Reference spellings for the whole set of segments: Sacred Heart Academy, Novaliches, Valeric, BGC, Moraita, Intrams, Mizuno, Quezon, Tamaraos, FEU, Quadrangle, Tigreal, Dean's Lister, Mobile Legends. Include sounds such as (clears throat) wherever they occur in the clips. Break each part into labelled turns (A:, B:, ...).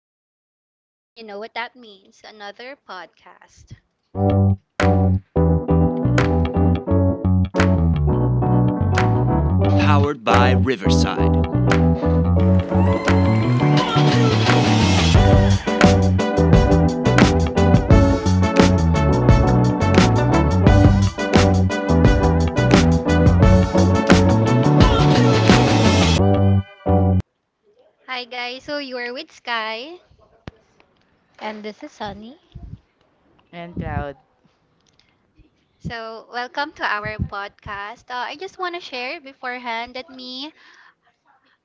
A: It's a new day, and you know what that means, another podcast. Hi, guys. So, you are with Sky.
B: And this is Sunny.
C: And proud.
A: So, welcome to our podcast. I just want to share beforehand that me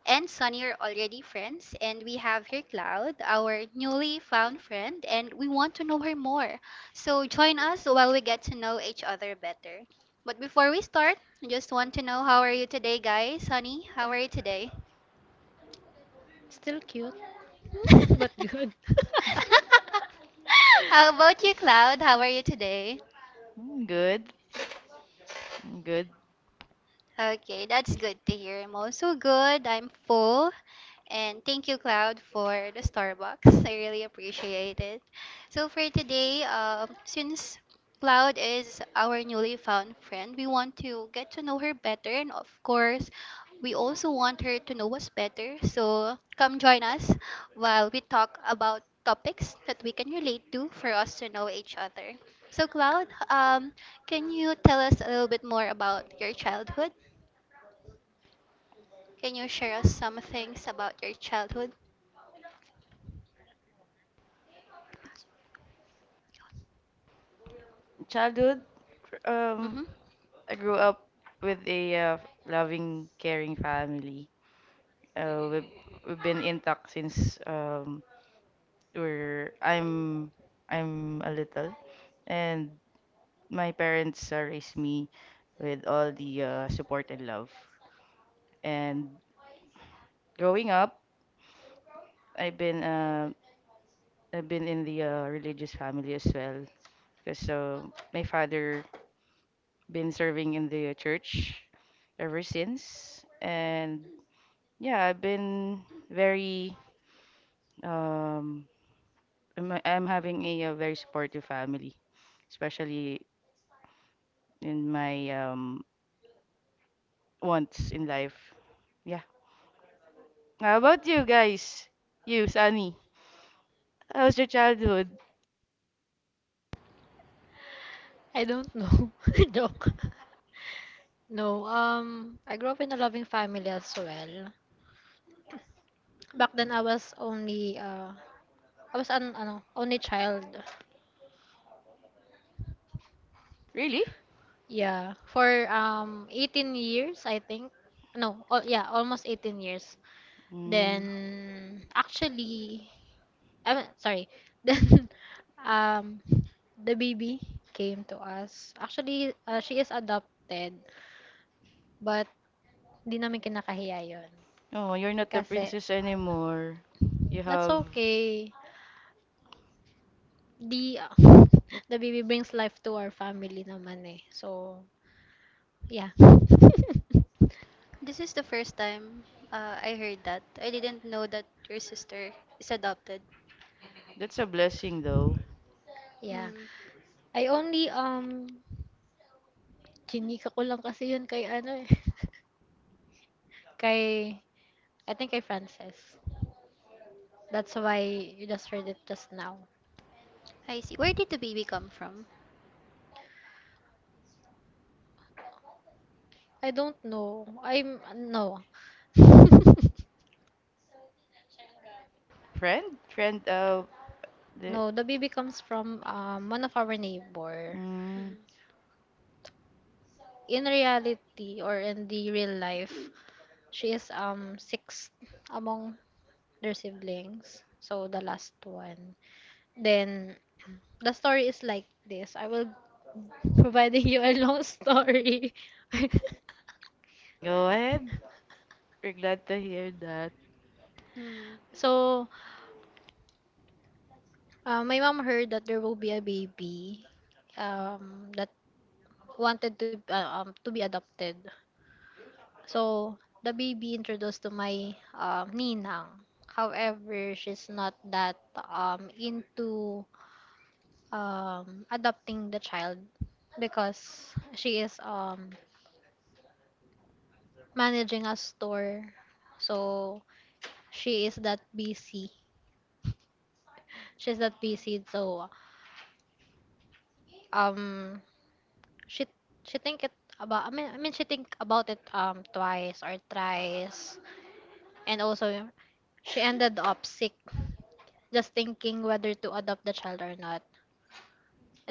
A: and Sunny are already friends, and we have here Cloud, our newly found friend, and we want to know her more. So, join us while we get to know each other better. But before we start, I just want to know how are you today, guys? Sunny, how are you today?
B: Still cute,
A: (laughs)
B: (laughs) but good.
A: (laughs) How about you, Cloud? How are you today?
C: Good. Good.
A: Okay, that's good to hear. I'm also good. I'm full. And thank you, Cloud, for the Starbucks. I really appreciate it. So for today, since Cloud is our newly found friend, we want to get to know her better, and of course, we also want her to know us better. So come join us while we talk about topics that we can relate to for us to know each other. So Cloud, can you tell us a little bit more about your childhood? Can you share us some things about your childhood?
C: Childhood, um,
A: Mm-hmm.
C: I grew up with a loving, caring family. Uh, we've, we've been intact since we're, I'm, I'm a little. And my parents raised me with all the support and love. And growing up, I've been, uh, I've been in the religious family as well. Because my father been serving in the church ever since. And yeah, I've been very, um, I'm having a very supportive family, especially in my wants in life. Yeah. How about you guys? You, Sunny. How was your childhood?
B: I don't know. (laughs) Joke. No, I grew up in a loving family as well. Back then, I was an, ano, only child.
C: Really?
B: Yeah, for 18 years, I think. No, all, yeah, almost 18 years.
C: Mm.
B: Then, actually, I mean, sorry. (laughs) Then, um, the baby came to us. She is adopted, but di namin kinakahiya yon.
C: Oh, you're not the
B: Kasi,
C: princess anymore. You
B: that's
C: have.
B: okay. The, (laughs) the baby brings life to our family naman eh. So, yeah. (laughs)
A: This is the first time I heard that. I didn't know that your sister is adopted.
C: That's a blessing, though.
B: yeah.
A: Mm,
B: I only, um, chinika ko lang kasi yun kay ano eh. (laughs) Kay, I think kay Frances. That's why you just heard it just now.
A: I see. Where did the baby come from?
B: I don't know. I'm no. (laughs)
C: Friend? Friend. The...
B: No, the baby comes from one of our neighbor.
C: Mm.
A: Mm,
B: In reality or in the real life, she is sixth among their siblings. So the last one. Then the story is like this. I will (laughs) providing you a long story. (laughs)
C: Go ahead. We're glad to hear that.
A: mm,
B: So my mom heard that there will be a baby that wanted to be adopted. So the baby introduced to my ninang. However, she's not that into adopting the child because she is managing a store. So she is that busy. She's that busy. So um, she she think it about. I mean she think about it twice or thrice, and also she ended up sick just thinking whether to adopt the child or not.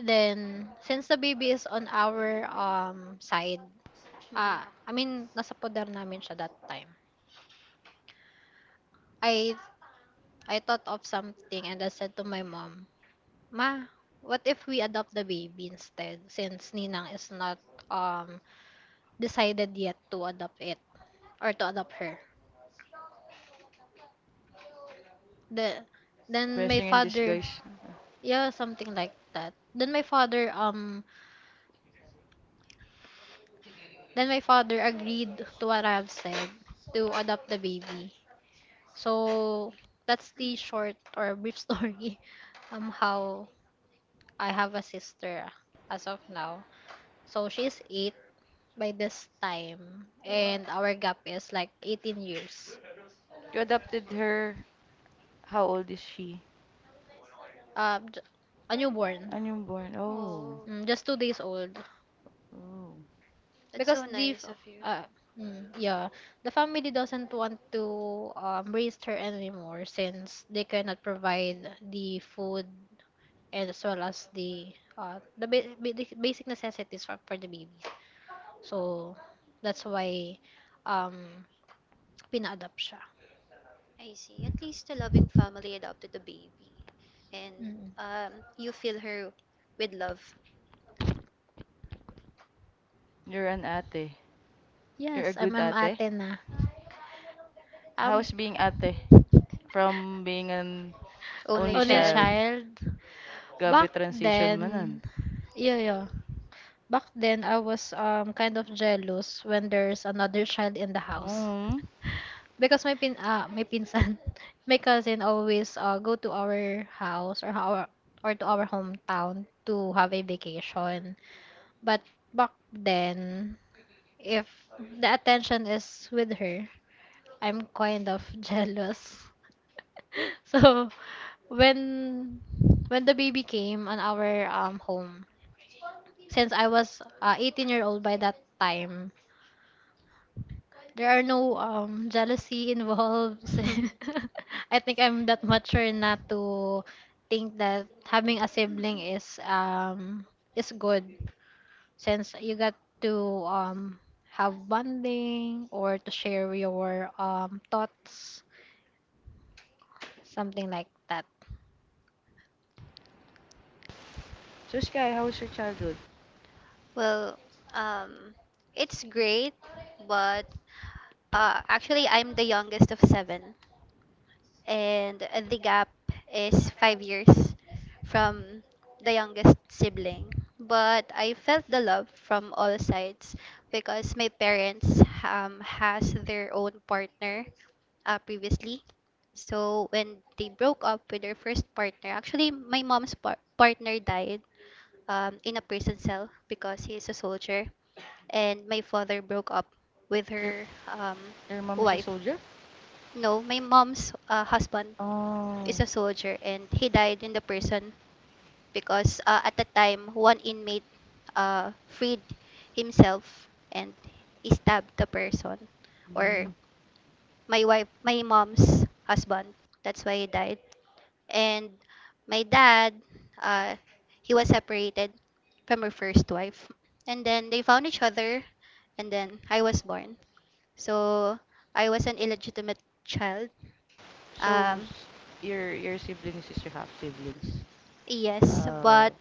B: Then, since the baby is on our side,
A: mm.
B: I mean, nasa poder namin siya that time. I I thought of something and I said to my mom, Ma, what if we adopt the baby instead since Ninang is not um decided yet to adopt it or to adopt her. The then my
C: Blessing in
B: father,
C: disguise.
B: yeah, something like that. Then my father agreed to what I have said to adopt the baby. So that's the short or brief (laughs) story how I have a sister as of now. So she's eight by this time and our gap is like 18 years.
C: You adopted her. How old is she?
B: Um j- a newborn,
C: Ano yung born? Oh.
A: Oh,
B: mm, just 2 days old.
C: Oh.
A: that's
B: Because
A: so
B: the f-
A: nice of you.
B: uh, mm, yeah, The family doesn't want to raise her anymore since they cannot provide the food as well as the the basic necessities for the baby. So that's why um pina-adopt siya.
A: I see. At least the loving family adopted the baby. And
B: Mm.
A: you fill her with love.
C: You're an ate. You're a
B: Yes, I'm
C: good
B: I'm
C: ate.
B: ate na. Um
C: How's being ate? From being an
A: Only
C: only
B: Only
A: child.
C: child,
B: child.
C: grabe
B: Back
C: transition manan.
B: then, yeah, yeah. Back then I was kind of jealous when there's another child in the house.
C: Mm.
B: Because my pinsan, (laughs) my cousin always go to our house or to our hometown to have a vacation. But back then, if the attention is with her, I'm kind of (laughs) jealous. (laughs) So when when the baby came on our home, since I was 18 year old by that time, there are no jealousy involved. (laughs)
A: (laughs)
B: I think I'm that mature not to think that having a sibling is good since you got to um have bonding or to share your thoughts, something like that.
C: So Sky, how was your childhood?
A: Well, um, it's great, but actually, I'm the youngest of seven. And the gap is 5 years from the youngest sibling. But I felt the love from all sides because my parents has their own partner previously. So when they broke up with their first partner, actually my mom's partner died in a prison cell because he is a soldier, and my father broke up with
C: Your
A: her
C: your mom is a
A: wife.
C: soldier?
A: No, my mom's husband is
C: Oh.
A: a soldier and he died in the prison because at the time, one inmate freed himself and he stabbed the person, or
C: Mm.
A: my mom's husband. That's why he died. And my dad, uh, he was separated from her first wife, and then they found each other, and then I was born. So I was an illegitimate child
C: So
A: um,
C: s- your siblings is your half siblings.
A: Yes,
C: Uh,
A: but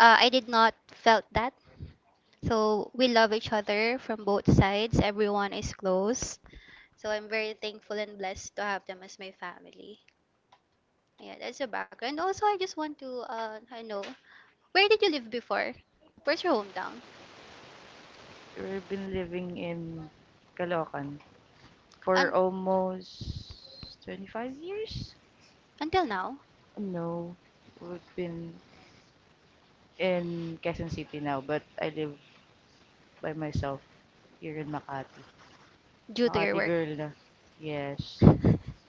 A: I did not felt that. So we love each other from both sides. Everyone is close. So I'm very thankful and blessed to have them as my family. Yeah, that's the background. Also, I just want to I know where did you live before? Where's your hometown?
C: you've been living in Caloocan for
A: Un-
C: almost 25 years.
A: until now,
C: No, we've been in Quezon City now, but I live by myself here in Makati.
A: due to your
C: Makati
A: work.
C: girl na. Yes.
A: (laughs)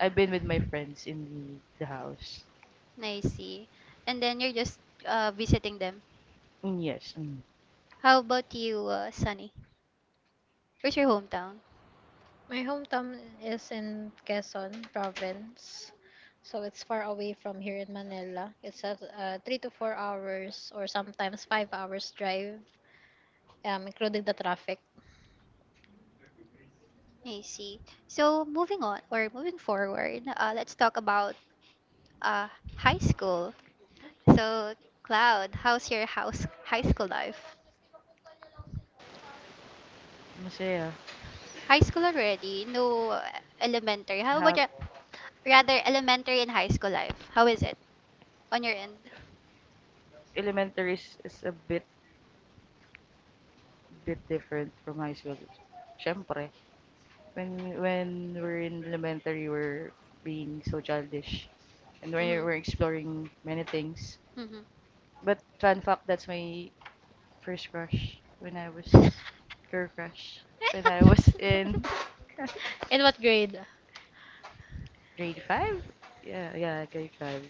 C: I've been with my friends in the house.
A: I see. And then you're just visiting them.
C: Mm, yes. Mm.
A: How about you, Sunny? Where's your hometown?
B: My hometown is in Quezon province. So it's far away from here in Manila. It's a 3 to 4 hours or sometimes 5 hours drive, including the traffic.
A: I see. So moving on or moving forward, let's talk about uh, high school. So Cloud, how's your house high school life?
C: Masaya.
A: High school already? No elementary. How about
C: Ha
A: your rather elementary and high school life? How is it on your end?
C: Elementary is a bit different from high school. Siyempre, when we're in elementary, we're being so childish. And when
A: Mhm.
C: we're exploring many things,
A: Mhm.
C: but fun fact, that's my first crush when I was girl crush when I was
A: (laughs)
B: (laughs)
C: in
B: In what grade?
C: grade five. Yeah, yeah, grade five.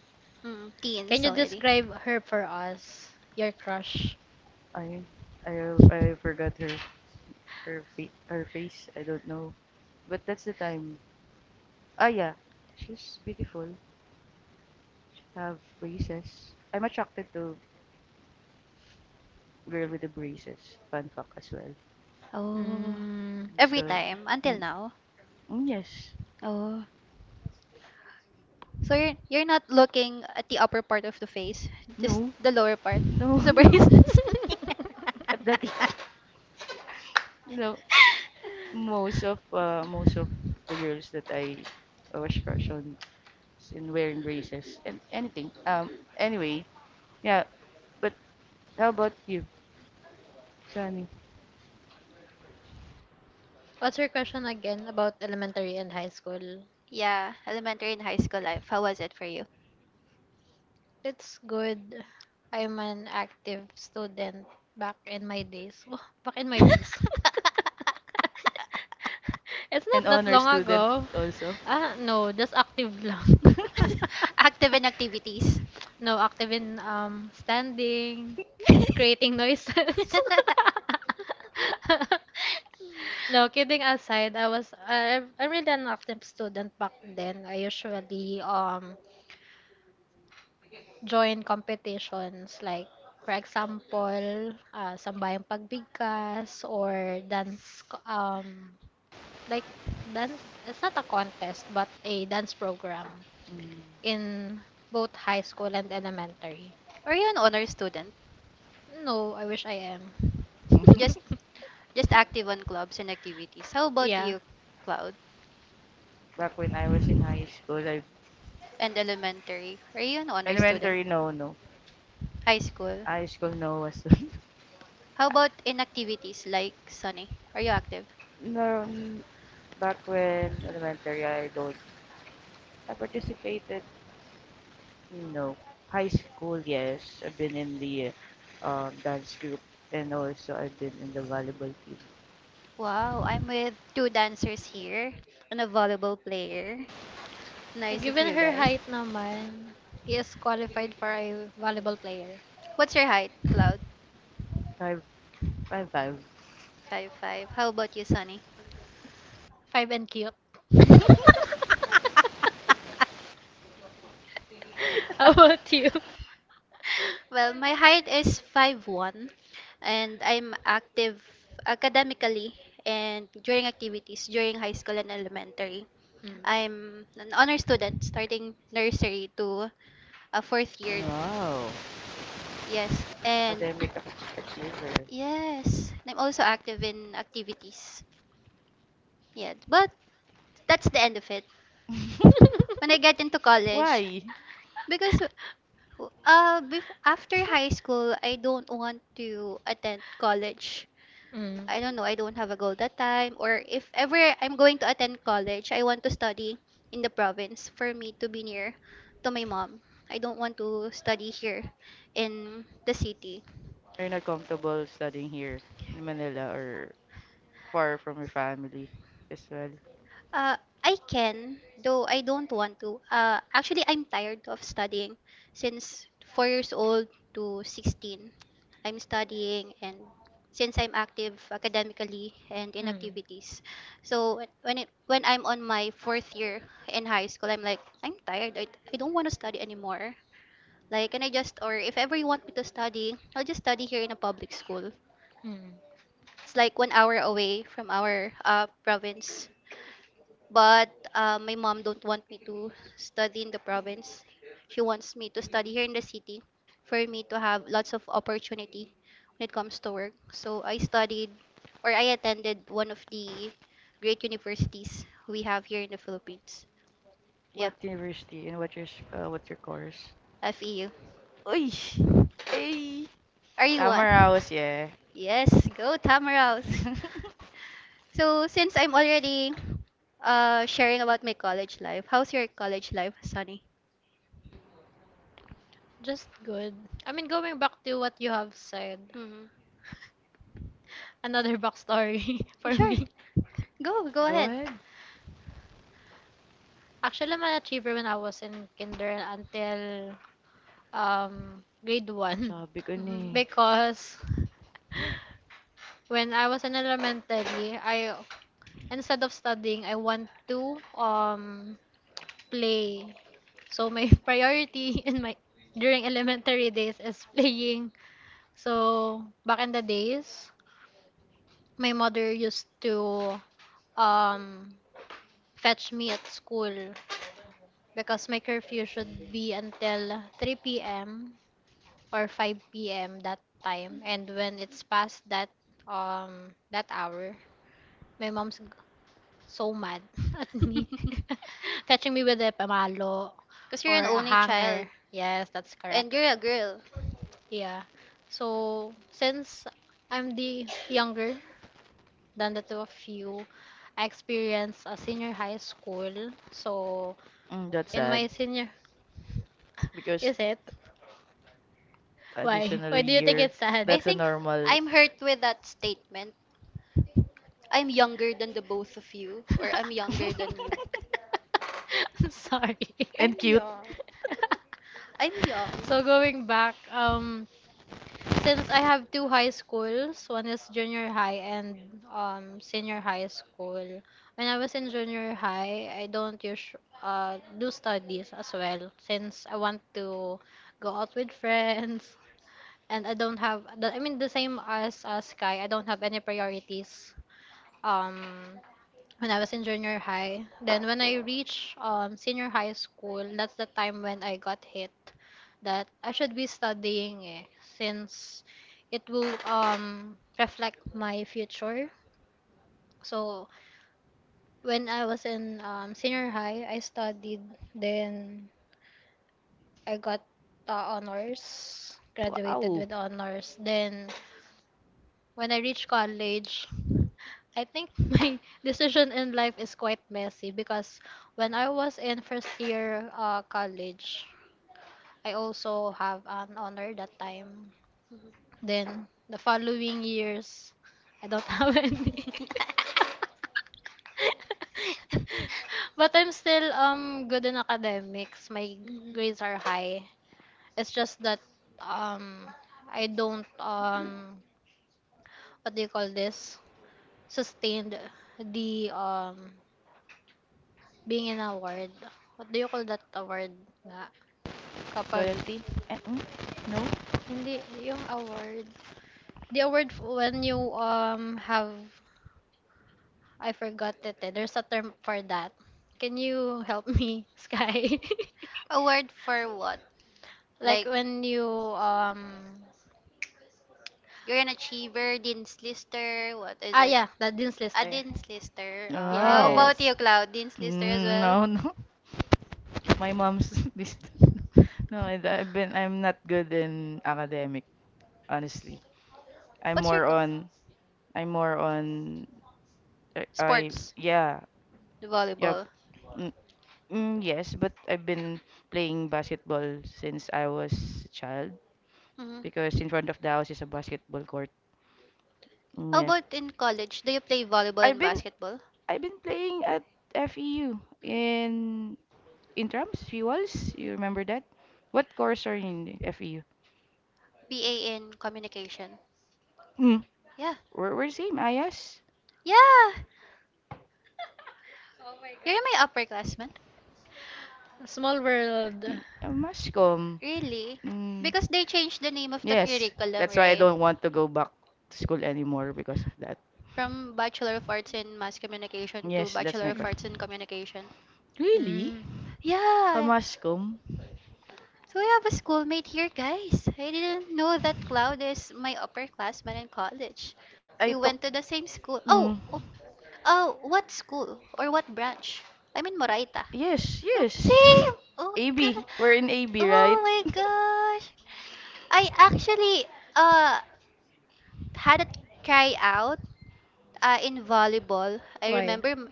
A: Mm,
B: Can
A: teens
B: you
A: already.
B: describe her for us? Your crush.
C: I I forgot her face. I don't know, but that's the time. Ah yeah, she's beautiful. She have braces. I'm attracted to girl with the braces. Fun fact as well.
A: Oh.
B: Mm.
A: Every
C: So,
A: time until
C: mm,
A: now.
C: yes,
A: Oh. So you're not looking at the upper part of the face, just
C: no,
A: the lower part, (laughs)
C: no,
A: just the
C: (laughs) no.
A: braces.
B: (laughs)
C: At that, (laughs) no,
A: (laughs)
C: most of the girls that I was crush on is in wearing braces and anything. Anyway, yeah. But how about you, Sunny?
B: What's your question again about elementary and high school?
A: Yeah, elementary and high school life. How was it for you?
B: It's good. I'm an active student back in my days. (laughs) Wah, back in my days.
A: (laughs)
B: (laughs) It's not
C: An
B: that
C: honor
B: long
C: student
B: ago.
C: also.
B: Ah, no, just active lang. (laughs)
C: Mm.
A: Active in activities.
B: No, active in standing,
A: (laughs)
B: creating
A: (laughs)
B: noises. (laughs) No, kidding aside, I'm really an active student back then. I usually join competitions like for example, sambayang pagbigkas or like dance. It's not a contest but a dance program, in both high school and elementary.
A: Are you an honor student?
B: No, I wish I am.
A: Or
C: (laughs)
A: just
B: (laughs)
A: just active on clubs and activities. How about
B: Yeah.
A: you, Cloud?
C: Back when I was in high school, I.
A: And elementary. Are you an honor student?
C: Elementary, no, no.
A: High school.
C: High school, no. Was
A: How about
C: (laughs)
A: in activities like Sunny? Are you active?
C: no. Back when elementary, I don't. I participated. No. High school, yes. I've been in the dance group and also I've been in the volleyball team.
A: Wow, I'm with two dancers here and a volleyball player. Nice of
B: Given
A: you
B: her
A: guys.
B: height naman, he is qualified for a volleyball player.
A: What's your height, Cloud?
C: Five, five, five.
A: Five five. How about you, Sunny?
B: Five and cute. (laughs)
A: (laughs)
B: How about you?
A: Well, my height is 5'1", and I'm active academically and during activities during high school and elementary.
B: Mm.
A: I'm an honor student starting nursery to a fourth year.
C: Wow.
A: Yes, and
C: Academic achiever.
A: (clears throat) yes, and I'm also active in activities. Yeah, but that's the end of it when I get into
C: (laughs)
A: college.
C: Why?
A: Because before
B: (laughs)
A: after high school, I don't want to attend college.
B: Mm.
A: I don't know, I don't have a goal that time. Or if ever I'm going to attend college, I want to study in the province for me to be near to my mom. I don't want to study here in the city.
C: You're not comfortable studying here in Manila or far from your family as well.
A: Uh, I can, though I don't want to. Actually, I'm tired of studying. Since 4 years old to 16, I'm studying and since I'm active academically and in
B: Mm.
A: activities. So when I'm on my fourth year in high school, I'm like, I'm tired. I don't want to study anymore. Like, can I just, or if ever you want me to study, I'll just study here in a public school.
B: Mm.
A: It's like 1 hour away from our province. But my mom don't want me to study in the province. She wants me to study here in the city for me to have lots of opportunity when it comes to work. So I studied or I attended one of the great universities we have here in the Philippines. Yeah,
C: What university and what's your course?
A: FEU.
C: Uy! Ay!
A: Are you
C: Tama
A: one?
C: Raos, yeah.
A: Yes, go Tamaraos.
C: (laughs)
A: So since I'm already sharing about my college life, how's your college life, Sunny?
B: Just good. I mean, going back to what you have said,
A: Mm-hmm.
B: another backstory (laughs) for
A: Sure.
B: me.
A: Go
C: Go
A: ahead.
C: ahead.
B: Actually, I'm an achiever when I was in kinder until grade one
C: Sabi ko na
A: Mhm.
B: (laughs)
C: eh.
A: (laughs)
B: because (laughs) when I was in elementary, I instead of studying, I want to play. So my (laughs) priority in my during elementary days is playing. So back in the days, my mother used to um fetch me at school because my curfew should be until 3 p.m. or 5 p.m. that time. And when it's past that hour, my mom's so mad (laughs) at me. (laughs) Catching me with a pamalo
A: Because you're
B: or
A: an
B: a
A: only child
B: hanger. Yes, that's
A: and
B: correct.
A: you're a girl.
B: Yeah. So, since I'm the younger than the two of you, I experienced a senior high school. So,
C: That's
B: in
C: sad.
B: my senior,
C: Because
B: is it? Why?
C: additional
B: Why do you think
C: year.
B: it's
A: I
B: sad?
C: That's a
A: think
C: normal.
A: I'm hurt with that statement. I'm younger than the both of you, or I'm younger than you.
C: (laughs)
B: (laughs) I'm sorry. (laughs)
A: I'm
C: And cute.
A: young. I'm young.
B: So going back, since I have two high schools, one is junior high and senior high school. When I was in junior high, I don't usu do studies as well since I want to go out with friends and I don't have the, I mean the same as Sky, I don't have any priorities um when I was in junior high. Then when I reached senior high school, that's the time when I got hit that I should be studying eh, since it will reflect my future. So when I was in senior high, I studied. Then I got honors, graduated
C: Wow.
B: with honors. Then When I reached college, I think (laughs) my decision in life is quite messy because when I was in first year college, I also have an honor that time. Then the following years, I don't (laughs) have any,
A: (laughs)
B: but I'm still good in academics. My
A: Mhm.
B: grades are high. It's just that um I don't what do you call this? Sustained the being an award. What do you call that award nga? Kapag
C: Loyalty? No?
B: hindi yung award. The award when you have I forgot it, eh. There's a term for that. Can you help me, (laughs) Sky? (laughs)
A: A word for what?
B: Like
A: Like,
B: when you um
A: you're an achiever, dean's lister, what is
B: ah
A: it?
B: yeah, that Dean's
A: A
B: Lister.
A: dean's lister. Ah, how
C: Oh.
A: about
B: Yes.
A: you, Cloud? Dean's lister as
C: Mm,
A: well?
C: no, no. (laughs) My mom's (laughs) this. No, I'm not good in academic, honestly. I'm
A: What's your
C: more on I'm more on I
A: sports?
C: yeah. Yeah.
A: Volleyball.
C: Mm, yes, but I've been playing basketball since I was a child
A: Hmm.
C: because in front of the house is a basketball court. Mm,
A: How
C: yeah.
A: about in college? Do you play volleyball
C: I've
A: and
C: been
A: basketball?
C: I've been playing at FEU in Intrams, Fuels. You remember that? What course are you in the FEU?
A: BA in communication.
C: Mm.
A: Yeah.
C: We're same, IS.
A: Yeah. You're my upperclassman.
B: Small world.
C: Mascom.
A: Really?
C: Mm.
A: Because they changed the name of the
C: Yes,
A: curriculum,
C: that's why I
A: right?
C: don't want to go back to school anymore because of that.
A: From Bachelor of Arts in Mass Communication to
C: Yes, that's
A: Bachelor
C: my
A: of
C: course.
B: Mm.
A: Arts in Communication.
C: Really?
B: Mm.
A: Yeah.
C: Kamascom?
A: So I have a schoolmate here, guys. I didn't know that Cloud is my upperclassman in college.
C: I
A: We
C: took...
A: went to the same school.
C: Mm.
A: Oh, oh, oh, what school or what branch? I'm in Moraita.
C: Yes,
A: Oh,
C: yes.
A: same. Oh
C: (laughs)
A: my god.
C: AB. We're in AB,
A: Oh
C: right?
A: my
C: (laughs)
A: gosh. I actually uh had a try out in volleyball. I
B: Why?
A: remember m-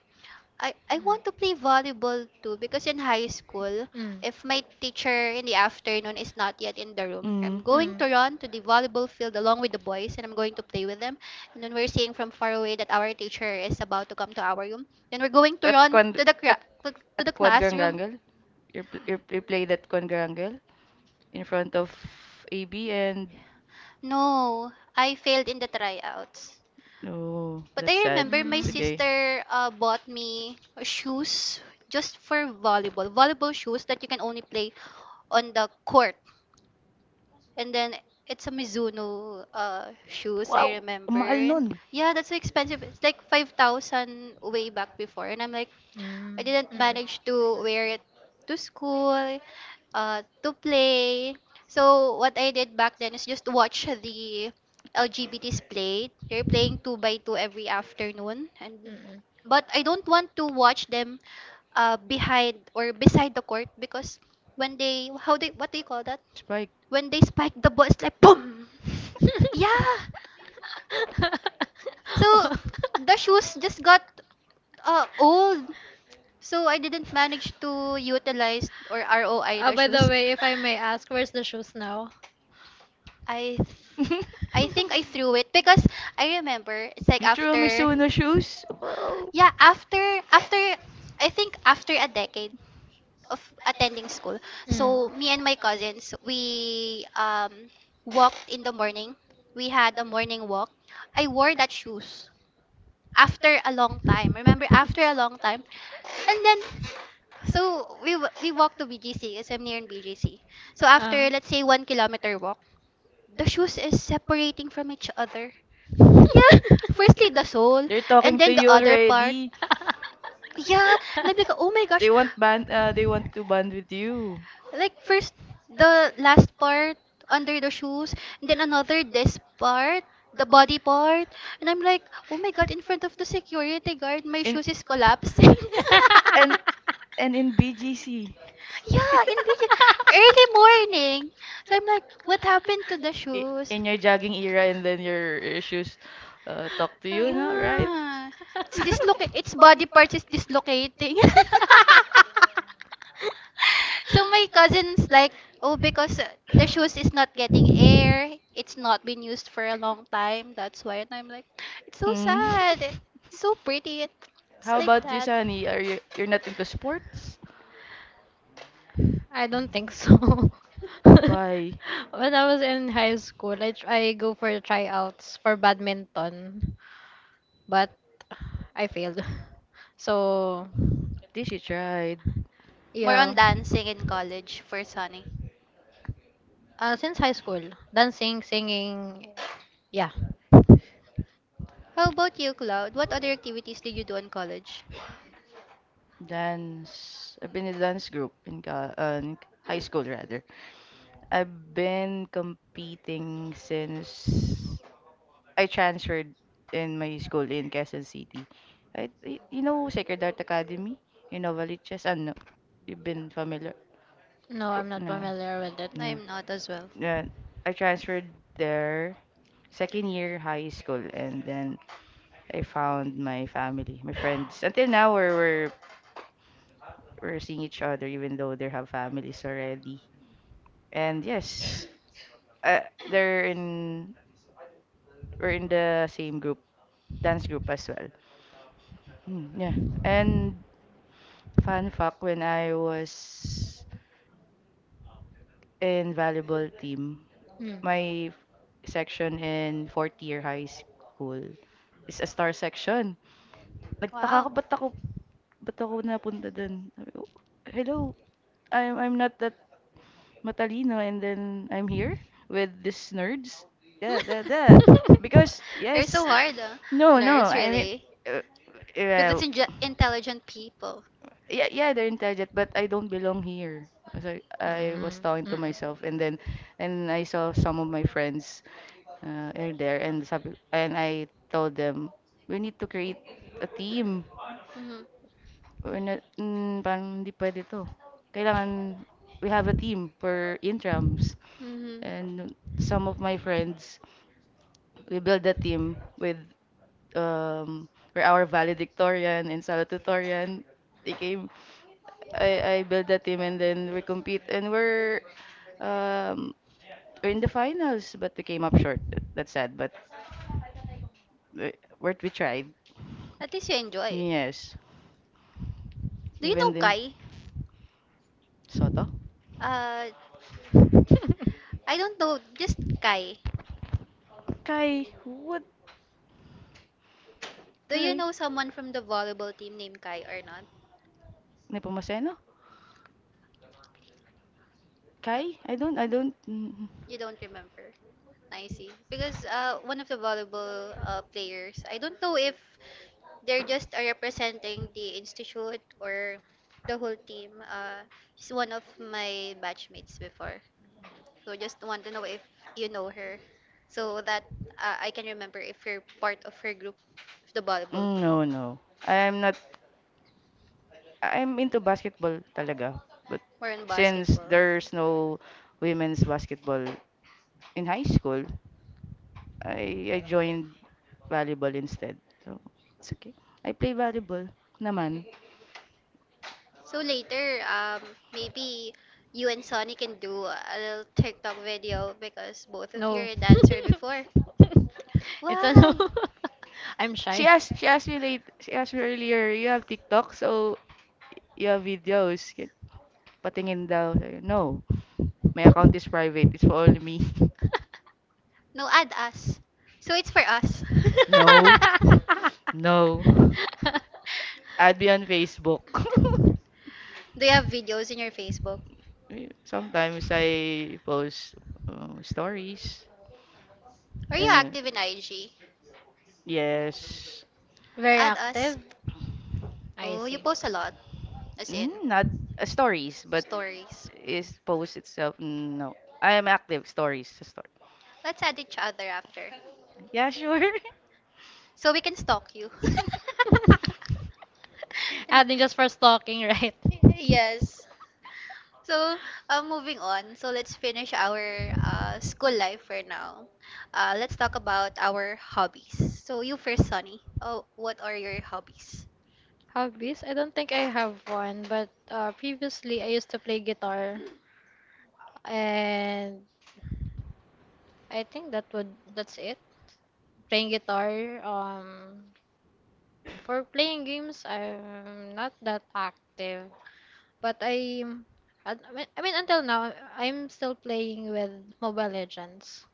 A: I, I want to play
B: Mm.
A: volleyball too because in high school,
B: (laughs) Mm.
A: if my teacher in the afternoon is not yet in the room, I'm
C: mm.
A: going
B: Mm.
A: to run to the volleyball field along with the boys and I'm going to play with them. And when we're seeing from far away that our teacher is about to come to our room, then we're going to
C: At
A: run
C: Quan
A: to the cra-
C: at
A: to
C: at
A: the classroom.
C: Quadrangle. You pl- you played at Quadrangle in front of AB and
A: No, I failed in the tryouts.
C: oh,
A: But I
C: that's sad.
A: remember my
C: It's
B: Mm.
C: okay.
A: sister bought me shoes just for volleyball. Volleyball shoes that you can only play on the court. And then it's a Mizuno shoes,
C: Wow,
A: I
C: ang
A: remember.
C: mahal
A: And
C: nun.
A: yeah, that's so expensive. It's like 5,000 way back before. And I'm like, I
B: Mm.
A: didn't
B: Mm.
A: manage to wear it to school, to play. So what I did back then is just watch the LGBTs play. They're playing two by two every afternoon, and
B: Mm.
A: but I don't want to watch them behind or beside the court because when they how they, what do you call that?
C: Spike.
A: When they spike the ball, it's like boom. Yeah.
B: (laughs)
A: So the shoes just got old. So I didn't manage to utilize or ROI
B: Oh,
A: the
B: by the
A: shoes. (laughs)
B: way, if I may ask, where's the shoes now?
A: I th-
C: (laughs)
A: I think I threw it because I remember it's like
C: You threw
A: after
C: Mizuno shoes? Wow.
A: yeah after after I think after a decade of attending school.
B: Mm.
A: So me and my cousins we walked in the morning. We had a morning walk. I wore that shoes after a long time. Remember, after a long time. And then, so we walked to BGC because I'm near in BGC. So after, let's say, 1 kilometer walk, the shoes is separating from each other. Yeah, (laughs) firstly the sole,
C: They're
A: and
C: talking to
A: then the
C: you
A: other part.
C: already.
A: Yeah, and I'm like, oh my gosh,
C: They want to band with you.
A: like first, the last part under the shoes, and then another, this part, the body part, and I'm like, oh my god, in
B: Uh.
A: front
B: (laughs)
A: of the security guard, my
C: In
A: shoes is collapsing. (laughs)
C: and and In BGC.
A: Yeah, in the early morning. So I'm like, what happened to the shoes?
C: In your jogging era and then your shoes talk to you now, right?
A: Yeah, it's
C: (laughs)
A: dislocated. Its body parts is dislocating. (laughs) (laughs) So my cousin's like, oh, because the shoes is not getting air. It's not been used for a long time. That's why. And I'm like, it's so
C: mm.
A: sad. It's so pretty.
C: (laughs)
A: It's
C: How
A: like
C: about you,
A: that.
C: Sunny? Are you You're not into sports?
B: I don't think so. (laughs)
C: Why?
B: When I was in high school, I go for tryouts for badminton, but I failed. (laughs) So,
C: Did you tried
A: More
B: yeah.
A: on dancing in college for Sunny.
B: Since high school, dancing, singing, yeah.
A: How about you, Cloud? What other activities did you do in college?
C: dance? I've been in a dance group in high school rather. I've been competing since I transferred in my school in Quezon City. You know Sacred Heart Academy in Novaliches? Ano? You've been familiar?
B: No, I'm not
C: No,
B: familiar with it.
C: no,
A: I'm not as well.
C: no. I transferred there second year high school, and then I found my family, my friends. Until now, we're seeing each other, even though they have families already. And yes, uh, they're in we're in the same group, dance group as well. Hmm, yeah. And fun fact, when I was in volleyball team,
B: Mm.
C: my section in fourth year high school is a star section. Nagtaka
A: Wow.
C: ako, ba't ako, ba't ako napunta dun? Sabi ko, hello, I'm not that matalino and then I'm here with these nerds. Yeah, that.
A: (laughs)
C: Because,
B: (laughs)
A: You're so
C: yes,
A: hard, huh?
C: no, no,
A: Nerds,
C: I mean,
A: really?
C: uh,
A: With
C: uh,
A: these intelligent people.
C: yeah, yeah, they're intelligent, but I don't belong here. So I was
B: Mm,
C: talking to
B: mm.
C: myself and then, and I saw some of my friends are there and sabi, and I told them, we need to create a team.
A: Mm-hmm.
C: We're not, parang hindi pwede to. Kailangan, we have a team for intrams.
A: Mm-hmm.
C: And some of my friends, we build a team with, um, we're our valedictorian and salutatorian. They came, I built a team and then we compete and um, we're in the finals, but we came up short. That's sad, but we, we tried.
A: At least you enjoy.
C: Yes.
A: Do you
C: Even
A: know
C: the
A: Kai?
C: Soto?
A: Uh, I don't know. Just Kai.
C: Kai, what?
A: Do you
C: Kai?
A: know someone from the volleyball team named Kai or not?
C: Nepomuceno?
A: No,
C: Kai? I don't.
A: you don't remember. I see. Because one of the volleyball players, I don't know if they're just representing the institute or the whole team. He's one of my batchmates before. So just want to know if you know her, so that I can remember if you're part of her group, the volleyball team,
C: No, no. I'm not. I'm into basketball talaga. But
A: or in
C: since
A: basketball.
C: there's no women's basketball in high school, I joined volleyball instead. So it's okay. I play volleyball naman.
A: So later, maybe you and Sonny can do a little TikTok video because both
B: (laughs)
A: of you
B: No.
A: are a dancer before.
B: (laughs) It's a no.
A: Why?
B: (laughs) I'm shy.
C: She asked me earlier, you have TikTok, so you have videos. Patingin daw. Sabi, no, my account is private. It's for only me. (laughs)
A: No, add us. So it's for us. (laughs)
C: No. (laughs) No.
B: (laughs)
C: Add me on Facebook. (laughs)
A: Do you have videos in your Facebook?
C: Sometimes I post stories
A: Are you
C: and
A: active in IG?
C: yes,
B: Very
A: Add us.
B: active, I
A: Oh, you
B: think.
A: post a lot. As in,
C: not stories, but
A: stories.
C: is post itself. No, I am active stories. Just story.
A: Let's add each other after.
C: Yeah, sure.
A: So we can stalk you.
C: (laughs)
A: (laughs)
B: (laughs) I
A: And-
B: think just for stalking, (laughs) right?
A: yes. So, moving on. So, let's finish our school life for now. Let's talk about our hobbies. So, you first, Sunny. Oh, what are your hobbies?
B: Hobbies? I don't think I have one, but previously I used to play guitar, and I think that's it. Playing guitar. For playing games, I'm not that active, but I, I mean until now I'm still playing with Mobile Legends,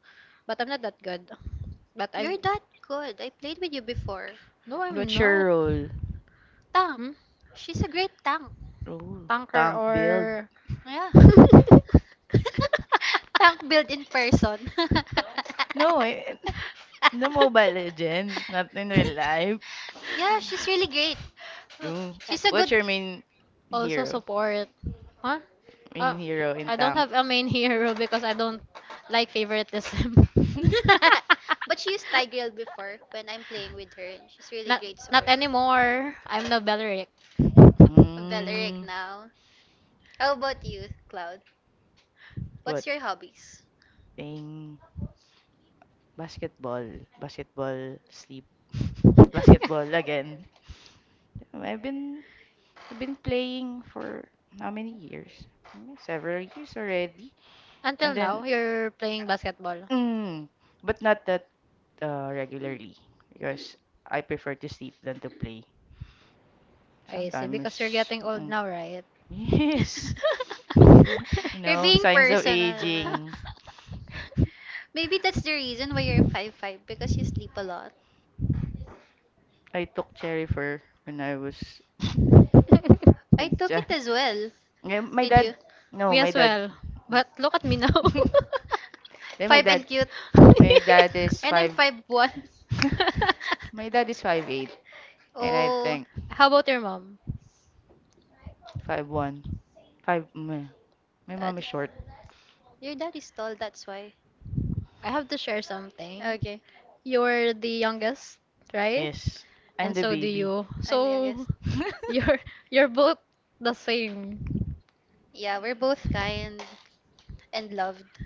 B: but I'm not that good. But I,
A: You're that good. I played with you before.
B: no, I'm
C: What's
B: not.
C: your role?
A: Tank.
B: Hmm?
A: She's a great tank.
C: Oh,
B: Tanker
C: tank build.
B: or...
A: Yeah.
B: (laughs)
A: (laughs) Tank built in person. (laughs)
C: No, (laughs) in Mobile Legends, not in
A: (laughs)
C: real life.
A: Yeah, she's really great.
C: No.
A: She's a
C: What's
A: good.
C: your main
B: Also
C: hero?
B: support. Huh? Uh,
C: Main hero in
B: I don't
C: tank.
B: have a main hero because I don't like favoritism.
C: (laughs)
B: (laughs)
A: (laughs) But she used Tigreal before when I'm playing with her, and she's really
B: Not
A: great
B: not
A: support.
B: anymore. I'm no Belleric.
A: A Valeric
C: mm,
A: now. How about you, Cloud?
C: what?
A: What's your hobbies?
C: Playing basketball. Basketball sleep. (laughs)
B: (laughs)
C: Basketball
A: (laughs)
C: again. I've been I've been playing for how many years? Several years already.
B: Until
C: And then
B: now, you're playing basketball.
C: mm, but not that regularly because I prefer to sleep than to play.
B: I see. Because you're
C: Sometimes
B: getting old
C: mm,
B: now, right?
C: (laughs) yes. (laughs)
A: You're being
C: Signs of
B: (laughs) (laughs)
A: personal.
C: aging. (laughs)
A: Maybe that's the reason why you're five five because you sleep a lot.
C: I took cherry for when I was (laughs)
A: I
C: in
A: took
C: Jan.
A: it as well.
C: My
A: Did
C: dad,
A: you?
C: no,
B: Me
C: my
B: as
C: dad.
B: well. But look at me now.
C: (laughs) Then my
A: 5
C: dad,
A: and cute.
C: my dad
B: (laughs)
A: (laughs)
C: is
A: And I'm
C: five.
A: 5'1".
C: (laughs) My dad
A: (laughs)
C: is 5'8", and I
A: Oh,
C: think
B: How about your mom?
C: 5'1". Five. Meh. My mom
A: at,
C: is short.
A: your dad is tall, that's why.
B: I have to share something.
A: Okay.
B: You're the youngest, right?
C: Yes, I'm
B: And
C: the
B: so do
C: baby.
B: you.
A: I'm the
B: So
A: youngest.
B: (laughs)
C: (laughs)
B: you're you're both the same.
A: Yeah, we're both kind and loved.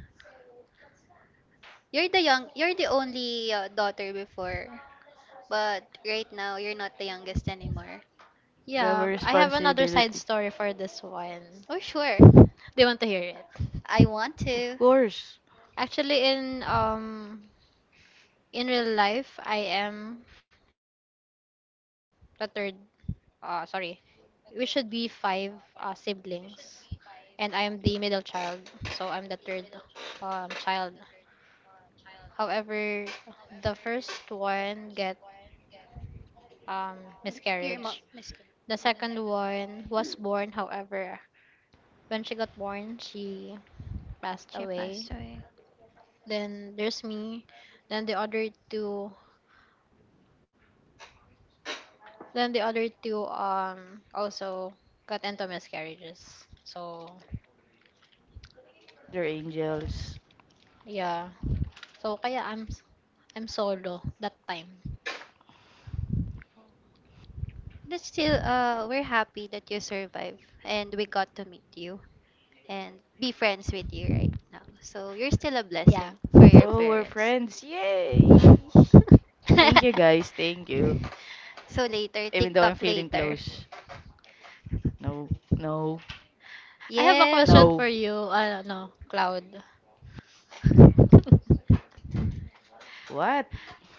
A: You're the young, you're the only daughter before, but right now you're not the youngest anymore.
C: They have a
B: Yeah, I have another side
C: responsibility.
B: story for this one.
A: Oh, sure.
B: Do you want to hear it?
A: I want
C: Of
A: to.
C: course,
B: Actually, in real life, I am the third. Uh, sorry, we should be five siblings, and I'm the middle child, so I'm the third child. However, the first one get um,
A: M- Your mom,
B: miscarriage.
A: Miss Karen.
B: The
A: Mhm.
B: second one was born, however, when she got born, she passed
A: She
B: away.
A: passed away.
B: Then there's me. Then the other two, then the other two also got into miscarriages. So
C: they're angels.
B: yeah. So kaya I'm solo that time.
A: That's still, we're happy that you survived and we got to meet you. And be friends with you right now. So you're still a
B: Yeah.
A: blessing for your
C: Oh,
B: (laughs)
C: we're
A: parents.
C: friends. Yay! Thank
A: (laughs)
C: you, guys. Thank you.
A: So later,
C: Even though I'm
A: TikTok
C: feeling
A: later.
C: close. No, no,
B: I have a
A: Yes.
B: question
C: no.
B: for you, no, Cloud. (laughs)
C: What?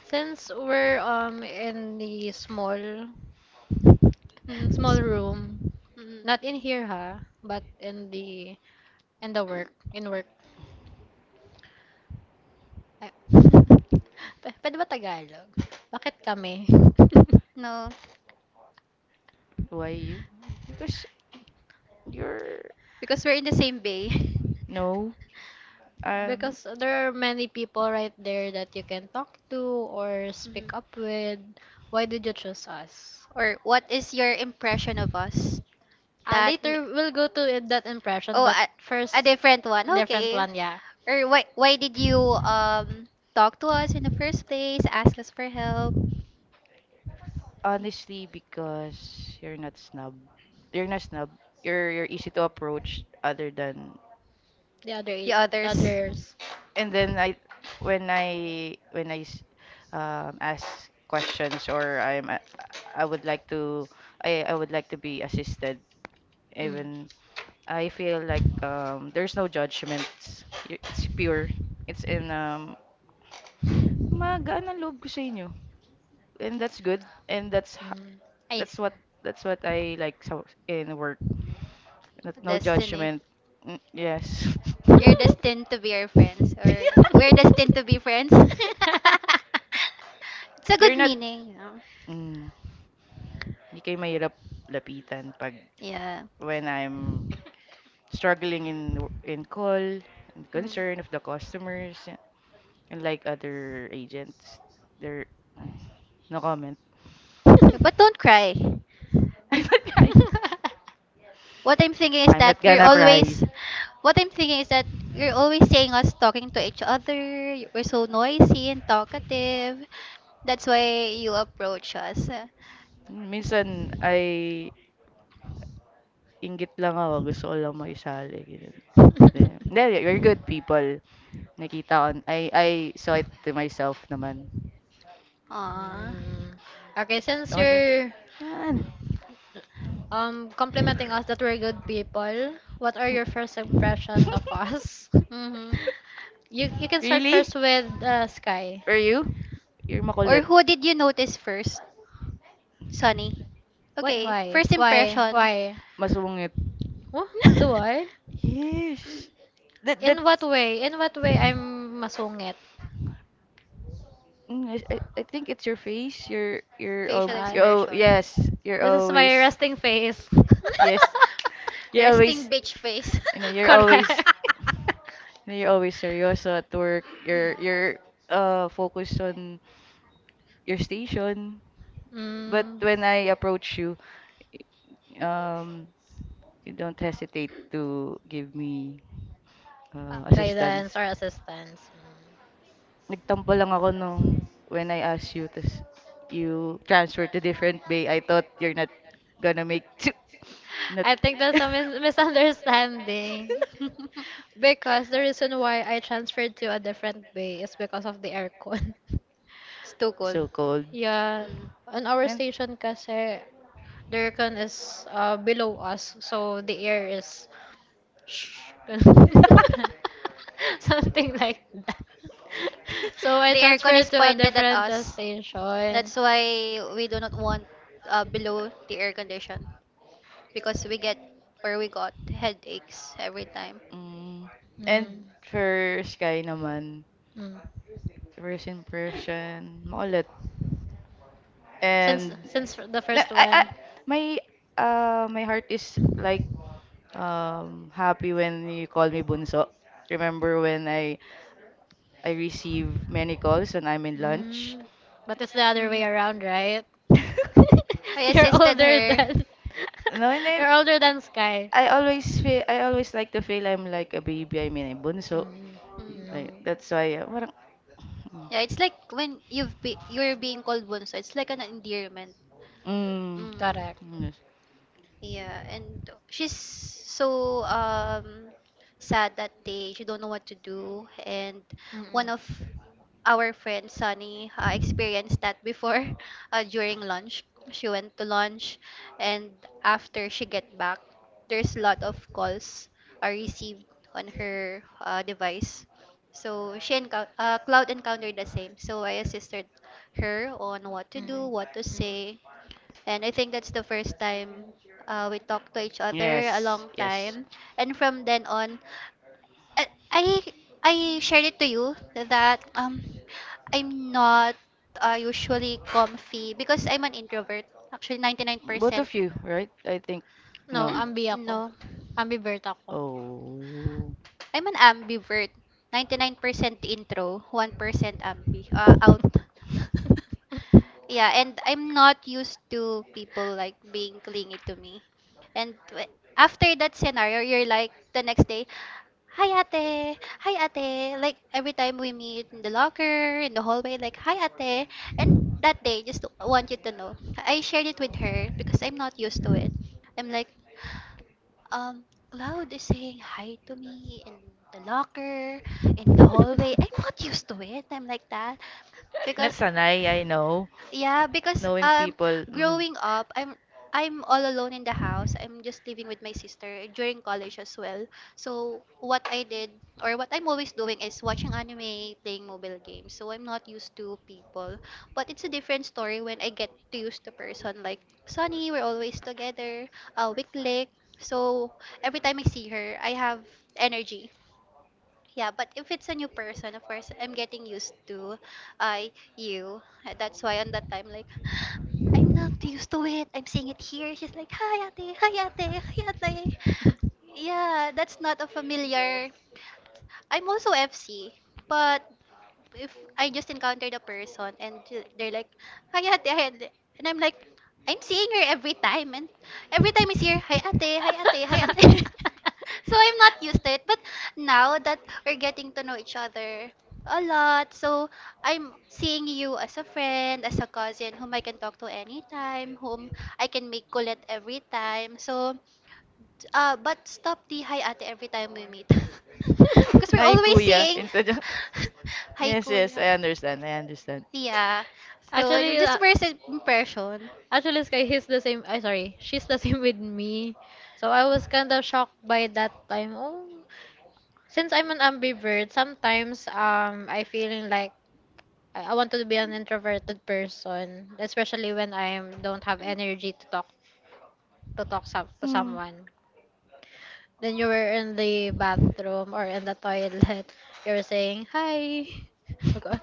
B: Since we're in the
A: Mhm.
B: small room,
A: Mhm.
B: not in here ha, but in the in work. Ay, (laughs) p- pwede ba Tagalog? Bakit kami? (laughs)
A: No,
C: Why you? Because you're.
A: because we're in the same bay. (laughs)
C: No. Um,
B: Because there are many people right there that you can talk to or
A: Mhm.
B: speak up with. Why did you choose us?
A: Or what is your impression of us? That m-
B: Later we'll go to it- that impression,
A: oh,
B: but first
A: a different one.
B: different
A: Okay.
B: one, yeah.
A: Or why did you talk to us in the first place? Ask us for help.
C: honestly, because you're not snub. You're not snub. You're easy to approach other than.
B: The other,
A: The
B: i- the
A: others'
B: others.
C: And then I when I when I s- ask questions. Or I'm a- I would like to I would like to be assisted
B: Mm.
C: even. I feel like there's no judgments. It's pure. It's in magaan ang loob ko sa inyo. And that's good,
B: Mm. I
C: that's
B: see.
C: what that's what I like. So in work, not, no
A: destiny.
C: judgment. Mm, yes.
A: You're
B: (laughs)
A: destined to be our friends, or
C: (laughs)
A: we're destined to be friends. (laughs) It's a
C: You're
A: good
C: not,
A: meaning. You know.
C: mm, hindi kayo mahirap lapitan pag
A: Yeah.
C: when I'm struggling in call and
A: Mm.
C: concern of the customers unlike other agents. They're, mm, no comment.
A: No, but don't cry.
C: (laughs) I'm not crying.
A: What I'm thinking is
C: I'm not
A: that you're
C: gonna cry.
A: always what I'm thinking is that you're always saying us talking to each other. You- we're so noisy and talkative. That's why you approach us.
C: Minsan, ay inggit lang ako. Gusto ko lang makisali. Ganun. Then, hindi, we're good people. Nakita ko. I saw it to myself naman.
A: Aww.
B: Mm. Okay, since
C: Okay ba?
B: you're
C: Yan.
B: Complimenting us that we're good people. What are your first
C: (laughs)
B: impression of us? (laughs)
A: Mm-hmm.
B: You can start
C: Really?
B: first with Sky.
C: Are you? You're
A: Or
C: makulit.
A: who did you notice first? Sunny.
B: Why
A: Okay,
B: why
A: first
B: why
A: impression.
B: why?
C: Masungit.
B: Huh? Do I?
A: (laughs)
C: Yes. That that
B: In what way? In what way I'm masungit?
C: mm, I think it's your face.
A: Facial
B: Ah.
A: expression.
C: Yes. You're
B: This is my
C: always,
B: resting face.
C: yes.
A: (laughs)
C: You're
A: Resting
C: always
A: bitch face.
C: you know
B: (laughs)
C: you're always
B: Correct. (laughs)
C: you you're always serious at work. You're focused on your station. But
B: Mm,
C: when I approach you, um you don't hesitate to give me assistance.
B: guidance or assistance. Mm.
C: Nagtampo lang ako nung when I asked you, tas you transfer to different bay. I thought you're not gonna make (laughs) not
B: I think that's a misunderstanding
C: (laughs)
B: because the reason why I transferred to a different bay is because of the aircon. (laughs)
A: (laughs) It's too cold.
C: so cold.
B: Yeah,
A: Mm.
B: on our
C: And,
B: station kasi the aircon is below us, so the air is shh, (laughs)
A: (laughs)
B: something like that. (laughs) So I
C: (laughs)
A: The aircon is
B: transferred to a
A: pointed at
B: different
A: us.
B: station.
A: That's why we do not want below the air condition because we get or we got headaches every time.
C: mm, and
B: Mm,
C: for Sky naman,
B: mm.
C: first impression, maulit.
B: Since
C: And
B: since the
C: na,
B: first one.
C: my my heart is like, happy when you call me Bunso. Remember when I receive many calls and I'm in lunch.
B: Mm, but it's the other way
A: Mm.
B: around, right?
C: (laughs)
B: (laughs)
A: I
B: You're
A: assisted
B: older
A: her.
B: than
C: No, and
B: (laughs) you're older than Sky.
C: I always like to feel I'm like a baby. I mean, a bunso.
B: Mm,
A: Mm.
C: Like
B: mm,
C: that's why. Parang,
A: Yeah, it's like when you're being called bunso. It's like an endearment.
C: mm,
A: Mm.
B: correct.
A: Yeah, and she's so sad that day. She don't know what to do. And one
B: Mm-mm.
A: of our friend Sunny experienced that before (laughs) during lunch. She went to lunch, and after she get back, there's a lot of calls are received on her device. So she encou- Cloud encountered the same. So I assisted her on what to do,
B: Mm. Mm.
A: what to say, and I think that's the first time we talked to each other a
C: yes,
A: long
C: yes, yes.
A: time. And from then on, I I I shared it to you that I'm not usually comfy because I'm an introvert. Actually,
C: Both
A: 99%.
C: of you, right? I think
B: No,
C: no.
B: ambi
A: (clears throat)
B: ako.
A: No.
B: Ambivert ako.
C: Oh,
A: I'm an ambivert. 99% intro, 1% ambi, out. (laughs) Yeah, and I'm not used to people like being clingy to me. And w- after that scenario, you're like the next day, hi ate, hi ate. Like every time we meet in the locker, in the hallway, like hi ate. And that day, just want you to know, I shared it with her because I'm not used to it. I'm like, um, Cloud is saying hi to me in the locker, in the hallway. I'm not used to it. I'm like that
C: not
A: because
C: sanay. I know.
A: yeah, because
C: Knowing people. Mm.
A: growing up, I'm all alone in the house. I'm just living with my sister during college as well. So what I did or what I'm always doing is watching anime, playing mobile games. So I'm not used to people. But it's a different story when I get to use the person like Sunny, we're always together, we So every time I see her, I have energy. Yeah, but if it's a new person, of course, I'm getting used to I you. That's why on that time, like, (gasps) (sighs) I'm not used to it. I'm seeing it here. She's like, hi ate, hi ate, hi ate. Yeah, that's not a familiar. I'm also FC, but if I just encountered a person and ju- they're like, hi ate," and I'm like, I'm seeing her
B: (laughs)
A: every time, and every time I see her, "Hi ate, hi ate, hi ate." (laughs) So I'm not used to it, but
B: (laughs)
A: now that we're getting to know each other a lot, so I'm seeing you as a friend, as a cousin whom I can talk to anytime, whom I can make kulit every time. So but stop the hi ate every time we meet. (laughs) Because we're
C: Hi,
A: always
C: kuya.
A: saying
C: Instead of... (laughs)
A: (laughs) hi
C: Yes, yes,
A: kuya.
C: I understand. I understand.
A: Yeah. So you
B: actually,
A: just
B: uh,
A: first impression,
B: actually, Sky, he's the same. I sorry, she's the (laughs) same with me. So I was kind of shocked by that time. Oh, since I'm an ambivert, sometimes I feeling like I wanted to be an introverted person, especially when I don't have energy to talk to
C: Hmm.
B: someone. Then you were in the bathroom or in the toilet. You were saying, hi.
C: (laughs)
B: Okay.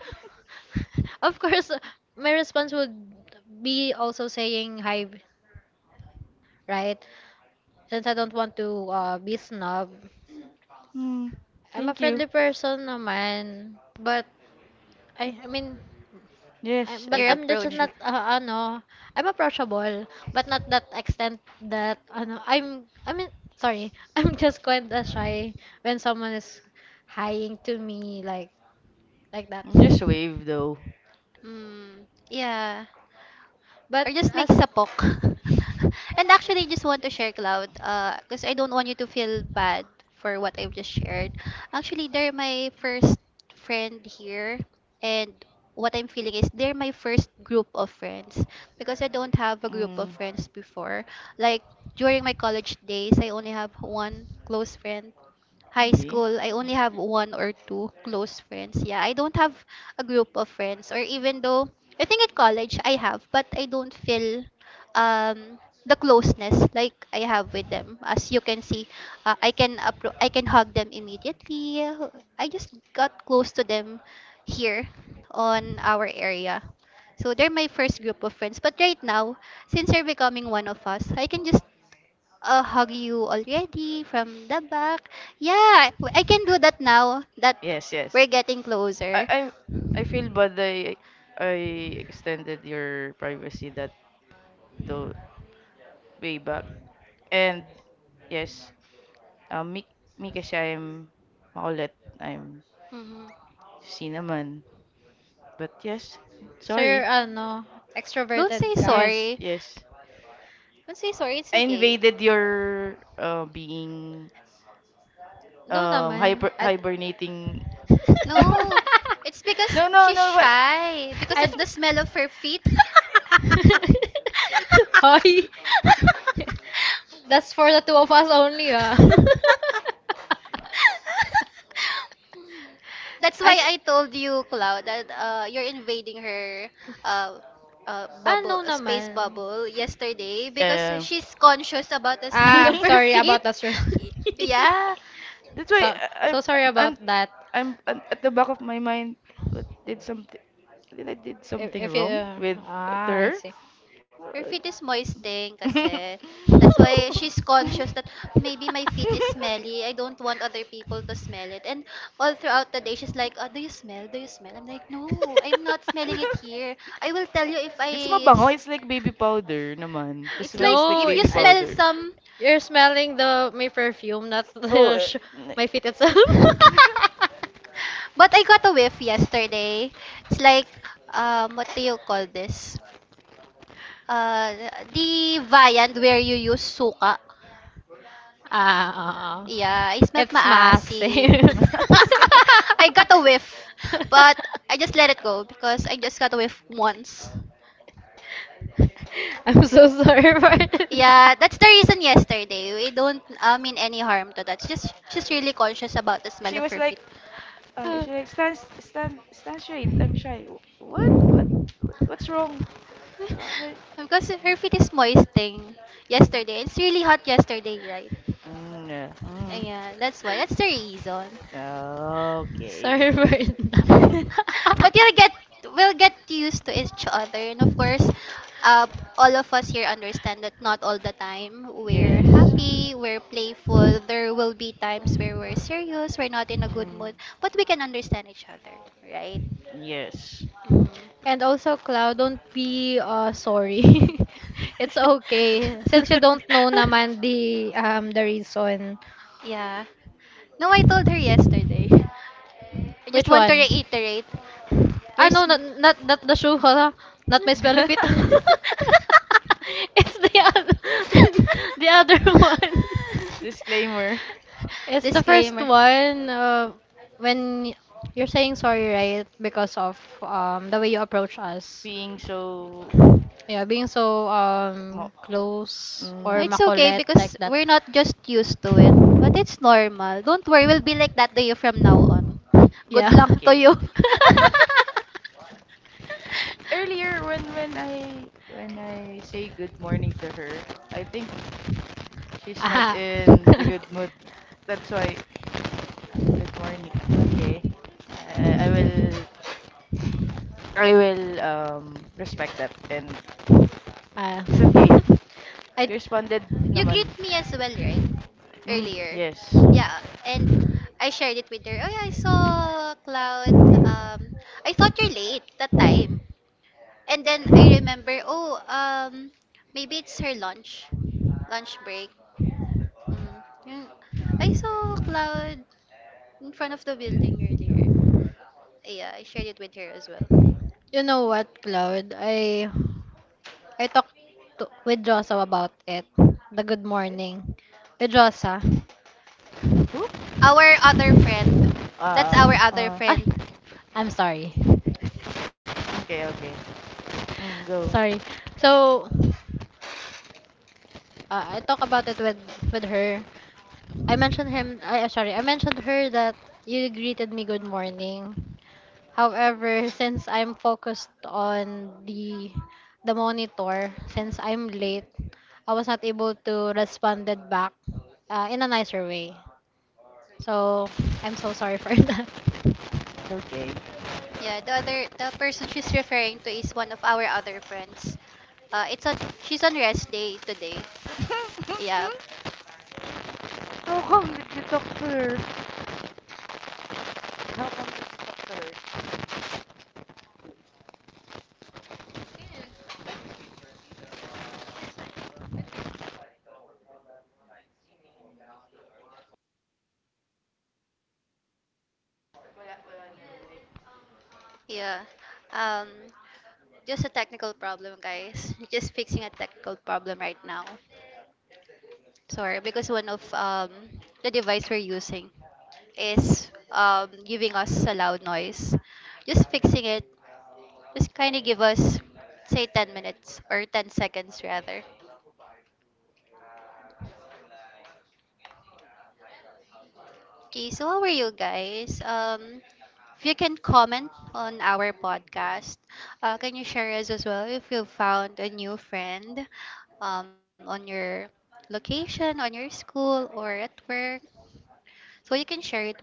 B: (laughs) Of course, my response would be also saying hi, right? Since I don't want to be snob.
C: Hmm.
B: I'm a
C: Thank you.
B: friendly person naman. I, I mean, i
C: Yes, I
B: but
A: your
C: get,
B: I'm
C: I
B: just
A: approach.
C: get
B: not
C: it.
B: ano, I'm approachable, but not that extent that ano, I mean sorry, (laughs) I'm just quite shy when someone is highing to me like that.
C: Just wave, though.
A: Mm, yeah. Or
B: But
A: just make
B: as
A: sapok. (laughs) And actually, I just want to share, Cloud, because I don't want you to feel bad for what I've just shared. Actually, they're my first friend here, and what I'm feeling is they're my first group of friends because I don't have a group of
C: Mm.
A: friends before. Like during my college days, I only have one close friend. High
C: Maybe.
A: school, I
C: Mm.
A: only have one or two close friends. Yeah, I don't have a group of friends, or even though I think at college I have, but I don't feel um the closeness like I have with them. As you can see, I can appro- I can hug them immediately. I just got close to them here on our area. So they're my first group of friends. But right now, since you're becoming one of us, I can just hug you already from the back. Yeah, I can do that now that
C: Yes, yes.
A: we're getting
C: I,
A: closer.
C: I, I feel bad. I extended your privacy that to way back. And yes, um, me, me kasi I'm makulit. I'm
A: Mhm.
C: C naman. But yes,
B: so
C: sorry.
B: you're ano,
A: Don't say
B: extroverted ka?
C: Yes,
A: sorry.
C: yes.
A: Don't say sorry. It's
C: I
A: okay.
C: invaded your being
B: No naman.
C: hyper
B: I (laughs)
C: hibernating.
A: No,
C: (laughs)
A: it's because
C: No, no,
A: she's
C: no. But
A: shy because
C: (laughs)
A: of
B: I'd,
A: the smell of her feet. (laughs)
B: (laughs) Hoy. (laughs) That's for the two of us only, ah. (laughs)
A: That's why
B: I
A: I told you, Cloud, that you're invading her uh,
B: ah, no
A: bubble, space
B: naman.
A: bubble yesterday because
C: yeah, yeah.
A: she's conscious about the (laughs) smell
B: Ah,
A: of her
B: sorry
C: (laughs)
A: feet.
B: about that, sir.
A: (laughs) Yeah,
C: That's
B: (laughs)
C: why
B: So, so sorry about
C: I'm
B: that.
C: I'm at the back of my mind. What did something? Did I did
B: If,
C: something
B: if you,
C: wrong with to
B: ah,
C: her?
B: I see.
A: her feet is moistening kasi.
C: (laughs)
A: That's why she's
B: (laughs)
A: conscious that maybe my feet is smelly. I don't want other people to smell it. And all throughout the day, she's like, oh, do you smell? Do you smell? I'm like, no, I'm not smelling it here. I will tell you if
C: It's
A: I...
C: mabango.
A: s-
C: It's like baby powder naman. The
A: It's
C: smell
A: like
C: is like
B: No,
A: if you
C: baby
B: I,
A: smell
C: powder.
A: some...
B: you're smelling the my perfume, not (laughs)
C: Oh,
B: the
C: eh,
B: my feet itself. (laughs)
A: But I got a whiff yesterday. It's like, what do you call this? Uh, the viand where you use suka.
B: Ah,
A: Yeah, I smelled
B: it's
A: maasim.
B: massive.
C: (laughs)
A: (laughs) I got a whiff, but I just let it go because I just got a whiff once.
B: (laughs) (laughs) I'm so sorry for it. (laughs)
A: Yeah, that's the reason yesterday. We don't mean any harm to that. She's really conscious about the smell
C: she
A: of
C: was
A: her
C: like,
A: feet.
B: Uh,
C: she like stand straight. I'm shy. What? What? What's wrong? Okay.
A: (laughs) Because her feet is moisting yesterday. It's really hot yesterday, right?
C: Mm, yeah. Mm.
A: Yeah, that's why. That's the reason.
C: Okay. (laughs)
B: sorry for that.
A: (laughs) But you'll get we'll get used to each other and of course uh, all of us here understand that not all the time we're
C: Yes.
A: happy we're playful there will be times where we're serious we're not in a good
C: Mm,
A: mood but we can understand each other, right?
B: (laughs)
C: yes.
A: Mm.
B: And also, Cloud, don't be sorry. (laughs) It's okay. Since you don't know
A: (laughs)
B: naman the reason.
A: Yeah, no, I told her yesterday, I just
B: Which
A: want to
B: one?
A: reiterate
B: Ah,
A: you're sm-
B: not the shoe, (laughs) huh? Not my smelly feet.
C: (laughs)
A: (laughs)
B: (laughs) It's the other, (laughs) the other one.
C: Disclaimer.
B: It's the first
A: Disclaimer.
B: one when y- you're saying sorry, right? Because of the way you approach
C: (laughs)
B: us.
C: Being so.
B: Yeah, being so
C: Mo-
B: close
A: No,
B: or
C: mm,
A: it's okay
B: makulit
A: because
B: like that.
A: we're not just used to it. But it's normal. Don't worry, we'll be like that to you from now on. (laughs)
B: Yeah.
A: Good luck to
C: Okay.
A: you. (laughs)
C: Earlier, when I say good morning to her, I think she's not
B: Ah.
C: in the
B: (laughs)
C: good mood. That's why, good morning. Okay. I will respect that, and
B: Ah.
C: it's okay.
B: (laughs) I
C: You responded
A: You
C: naman.
A: greet me as well, right?
C: Mm,
A: Earlier.
C: yes.
A: Yeah, and I shared it with her. Oh, yeah, I saw Cloud. Um, I thought you're late that time. And then I remember, oh, maybe it's her lunch, lunch break. Mm. Yun. I saw Cloud in front of the building earlier. Yeah, I shared it with her as well.
B: you know what, Cloud? I talked with Josa about it. The good morning. With Josa.
C: Who?
A: Our other friend. That's
C: Uh,
A: our other
C: uh,
A: friend.
B: Ay, I'm sorry. (laughs)
C: okay, okay. Mm, go.
B: Sorry. So, I talk about it with her. I mentioned him. I sorry. I mentioned her that you greeted me good morning. However, since I'm focused on the monitor, since I'm late, I was not able to responded back in a nicer way. So I'm so sorry for (laughs) that.
C: It's okay.
A: Yeah, the other the person she's referring to is one of our other friends. It's on she's on rest day today. Yeah,
C: (laughs) How come did you talk to her? How come did you talk to her?
A: yeah. Um, just a technical problem, guys. (laughs) Just fixing a technical problem right now. Sorry, because one of the device we're using is giving us a loud noise. Just fixing it. Just kind of give us, say, 10 minutes or 10 seconds rather. Okay, so how are you guys? If you can comment on our podcast, can you share us as well if you found a new friend on your location, on your school, or at work? So you can share it with.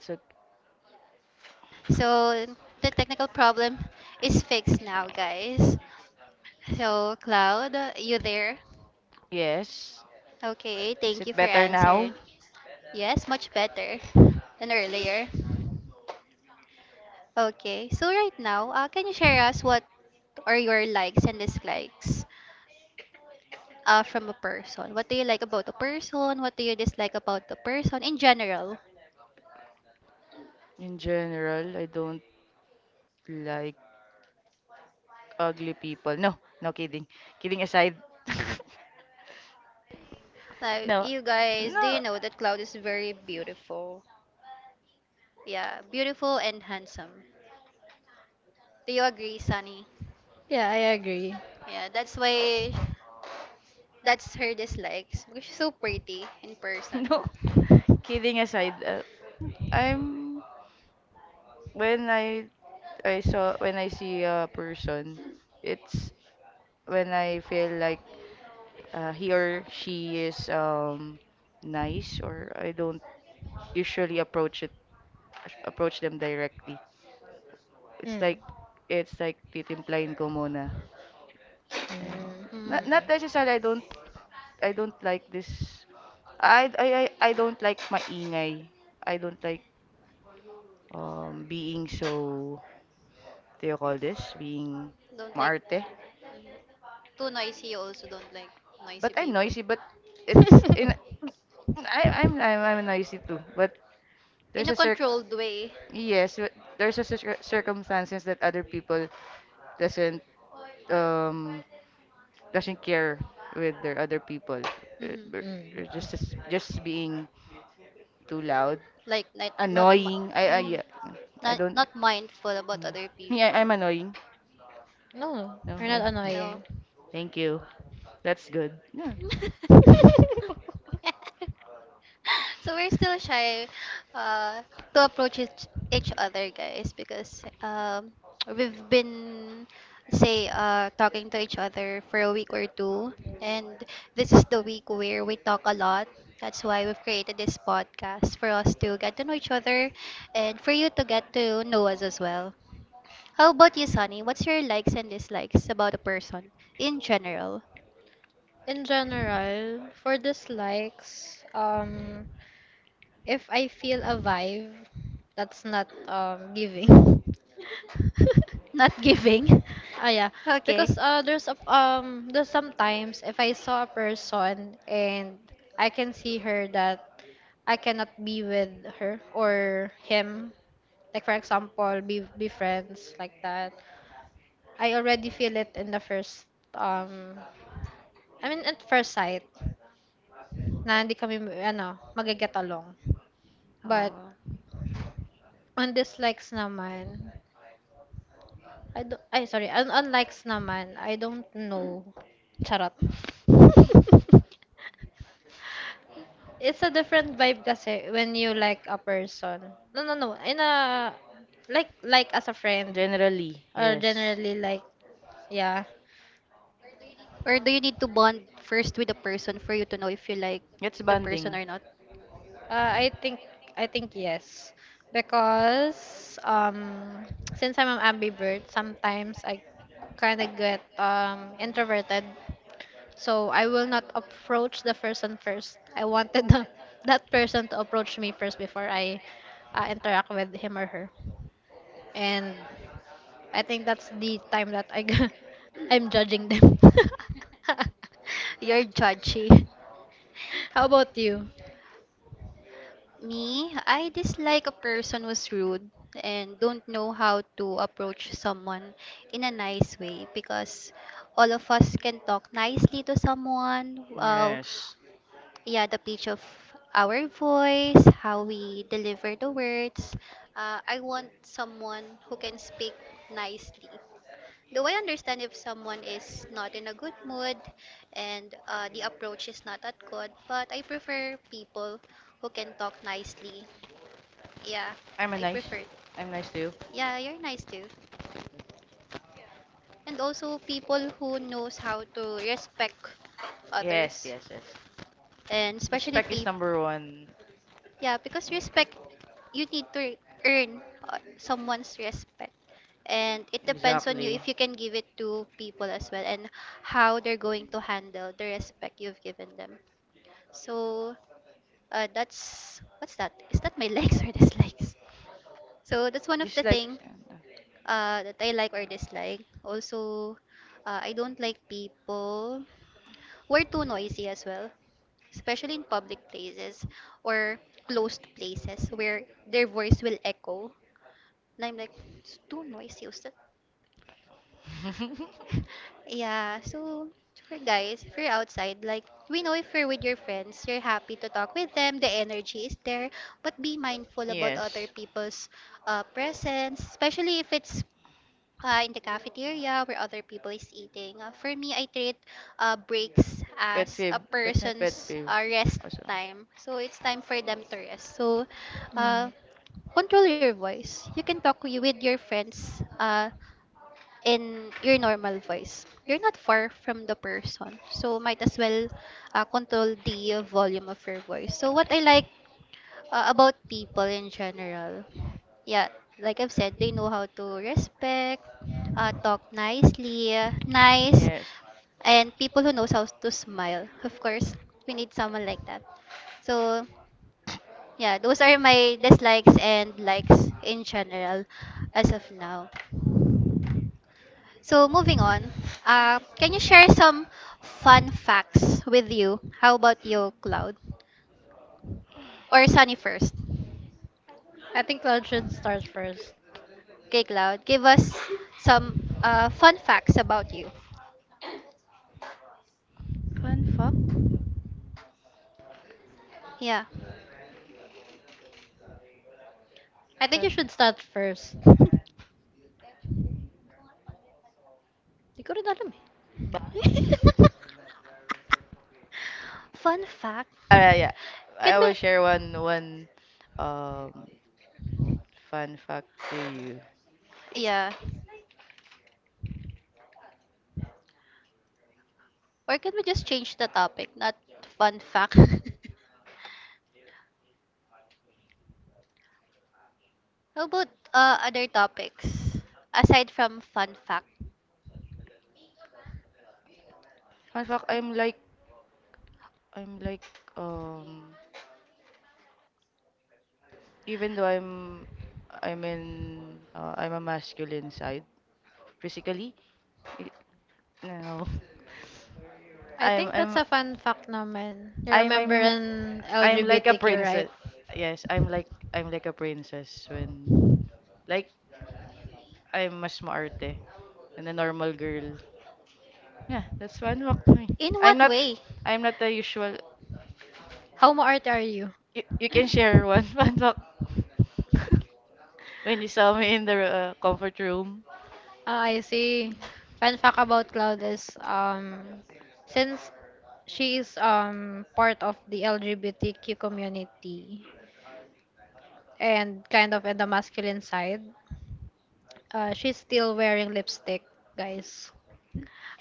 C: So,
A: So the technical problem is fixed now, guys. So, Cloud, you there?
C: yes.
A: Okay,
C: Is
A: thank you
C: it
A: for
C: better now?
A: answering. Yes, much better than earlier. Okay, so right now, can you share us what are your likes and dislikes from a person? What do you like about a person? What do you dislike about the person in general?
C: In general, I don't like ugly people. No, no kidding. Kidding aside. (laughs)
A: Like,
C: No.
A: you guys, do you
C: No.
A: know that Cloud is very beautiful? Yeah, beautiful and handsome. Do you agree, Sunny?
B: Yeah, I agree.
A: Yeah, that's why that's her dislikes because she's so pretty in
C: (laughs)
A: person.
C: No. Kidding aside, I'm when I saw when I see a person, it's when I feel like he or she is nice, or I don't usually approach them directly.
B: Mm.
C: It's like
B: Mm.
C: it's like titimplahin ko muna. And
A: Mm.
C: not
B: Mm-mm.
C: necessarily I don't like this. I don't like maingay. I don't like being so, what do you call this? Being
A: Don't like
C: maarte.
A: too noisy. You also don't like noisy
C: But I'm
A: people.
C: noisy, but it's in
B: (laughs)
A: (laughs)
C: I'm noisy too. But
A: In
C: there's
A: a
C: a cir
A: controlled way.
C: yes, but there's a circumstances that other people doesn't um doesn't care with their other people. Uh,
A: Hmm.
C: b-
B: Mm.
C: Just
B: Mm.
C: just being too loud,
A: Like not not mi-
C: annoying. I
A: mhm.
C: yeah, I
A: Not,
C: don't.
A: not mindful about
C: Mm.
A: other
C: Yeah,
A: people.
C: I'm annoying.
B: No,
C: No,
B: you're not
C: yeah.
A: No.
B: annoying.
C: Thank you. That's good. Yeah. (laughs)
A: (laughs)
B: (laughs)
A: (laughs) So we're still shy uh, to approach each other, guys, because (tsk) we've been, say, talking to each other for a week or two, and this is the week where we talk a lot. That's why we've created this podcast for us to get to know each other and for you to get to know us as well. How about you, Sunny? What's your likes and dislikes about a person in general?
B: In general, for dislikes, if I feel a vibe, that's not giving. (laughs)
A: Not giving.
B: Ah, yeah,
A: (laughs)
B: because
A: Okay.
B: there's a, there's sometimes if I saw a person and I can see her that I cannot be with her or him, like for example, be friends like that. I already feel it in the first I mean, at first sight, na hindi kami, ano, mag-get along. But, on dislikes naman, I don't, ay, sorry, on likes naman, I don't know. Charot. (laughs) It's a different vibe kasi when you like a person. No, no, no. In a, like as a friend.
C: Generally,
B: Or
C: yes.
B: generally like, yeah.
A: Or do you need to bond first with the person for you to know if you like the
C: It's
A: person or not?
C: bonding.
B: Uh, I think I think yes, because since I'm an ambivert, sometimes I kind of get introverted, so I will not approach the person first. I wanted the, (laughs) that person to approach me first before I interact with him or her, and I think that's the time that (laughs) I'm judging them. (laughs)
A: (laughs) You're judgy.
B: How about you?
A: Me, I dislike a person who's rude and don't know how to approach someone in a nice way, because all of us can talk nicely to someone. Well,
C: Yes.
A: yeah, the pitch of our voice, how we deliver the words. I want someone who can speak nicely. Though I understand if someone is not in a good mood and the approach is not that good, but I prefer people who can talk nicely. Yeah,
C: I'm a
A: I
C: nice.
A: prefer.
C: I'm nice to you.
A: Yeah, you're nice too. And also people who knows how to respect
C: Yes,
A: others,
C: yes, yes.
A: and especially
C: Respect is
A: people.
C: number one.
A: Yeah, because
C: Uh,
A: respect, you need to earn someone's respect. And it depends on you
C: Exactly.
A: if you can give it to people as well and how they're going to handle the respect you've given them. So that's what's that? Is that my (laughs) likes or dislikes? So that's one of the
C: Dislike.
A: thing that I like or dislike. Also, I don't like people we're too noisy as well, especially in public places or closed places where their voice will echo. And I'm like, it's too noisy. What's that?"
C: (laughs)
A: (laughs) Yeah, so for guys, if you're outside, like, we know if you're with your friends, you're happy to talk with them, the energy is there, but be mindful about other
C: Yes.
A: people's presence, especially if it's in the cafeteria where other people is eating. For me, I treat breaks
C: Pet
A: as
C: peeve.
A: a
C: That's my pet
A: person's
C: peeve.
A: rest
C: Also.
A: time. So it's time for them to rest. So
B: Mm.
A: uh, control your voice. You can talk with your friends in your normal voice. You're not far from the person. So might as well control the volume of your voice. So what I like about people in general. Yeah, like I've said, they know how to respect, talk nicely, nice,
C: Yes.
A: and people who knows how to smile. Of course, we need someone like that. So yeah, those are my dislikes and likes in general as of now. So moving on, can you share some fun facts with you? How about you, Cloud, or Sunny first?
B: I think Cloud should start first.
A: Okay, Cloud, give us some fun facts about you.
C: Fun fact.
A: Yeah.
B: I think you
C: Fun.
B: should start first. (laughs) Hindi ko rin alam eh.
C: But,
A: (laughs) Fun fact?
C: Yeah.
A: Can
C: I will
A: we.
C: share one um fun fact to you. It's
A: Yeah. Or can we just change the topic? Not fun fact. (laughs) How about other topics? Aside from fun fact.
C: fun fact. I'm like um even though I'm a masculine side physically. It, no, (laughs)
B: I
C: I'm
B: think that's
C: I'm
B: a fun fact naman. You
C: I'm
B: remember
C: I'm
B: an
C: I'm like a
B: LGBTQ, right?
C: princess. Yes, I'm like a princess when like I'm mas maarte than a normal girl. Yeah, that's fun fact to me.
A: In
C: I'm
A: what
C: not
A: way?
C: I'm not the usual.
B: How mo art are you?
C: You can share one (laughs) fun fact. (laughs) When you saw me in the comfort room.
B: Ah, I see. Fun fact about Cloud is, since she is part of the LGBTQ community and kind of in the masculine side, she's still wearing lipstick, guys.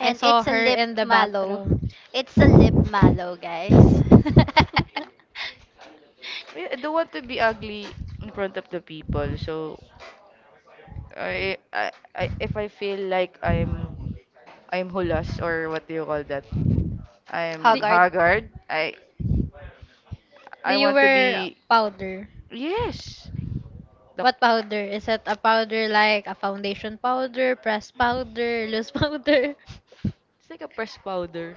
B: I saw
A: it's a
B: her
A: lip
B: in the
A: mallow.
B: bathroom.
A: It's a lip mallow, guys. (laughs)
B: (laughs)
C: I don't want to be ugly in front of the people. So I if I feel like I'm hulas, or what do you call that?
B: The-
C: I'm
A: Hoggard.
C: haggard. I
B: do
C: I
B: you
C: want to
B: wear
C: be,
B: powder?
C: yes. The,
B: What powder? Is it a powder like a foundation powder, press powder, loose (laughs) powder?
C: it's like a pressed powder.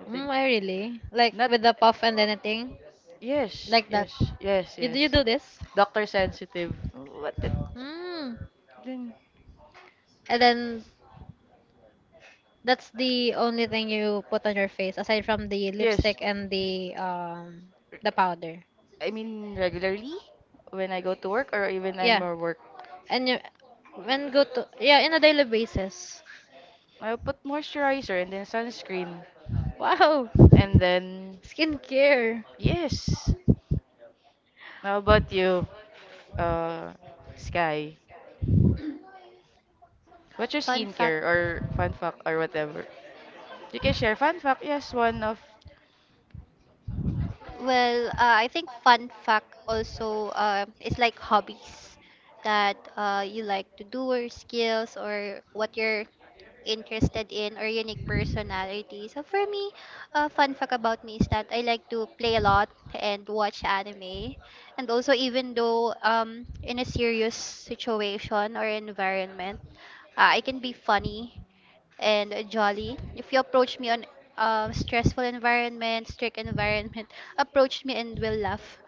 C: I
B: Mm,
C: think
B: I really like
C: not.
B: with the puff and anything
C: Yes,
B: like that.
C: yes, yes,
B: You
C: yes.
B: do this?
C: Doctor sensitive. What the,
B: Mm.
C: then?
B: And then that's the only thing you put on your face aside from the
C: Yes.
B: lipstick and the powder.
C: I mean regularly, when I go to work or even I'm
B: Yeah.
C: at work,
B: And you when go to yeah, in a daily basis.
C: I'll put moisturizer and then sunscreen.
B: Wow.
C: And then,
B: Skincare.
C: yes. How about you, uh, Sky? What's your
A: Fun fact.
C: skincare or fun fact or whatever? You can share fun fact. Yes, one of.
A: Well, I think fun fact also is like hobbies that you like to do, or skills, or what you're interested in, or unique personality. So for me, a fun fact about me is that I like to play a lot and watch anime. And also, even though in a serious situation or environment, I can be funny and jolly. If you approach me on stressful environment, strict environment, (laughs) approach me and we'll laugh.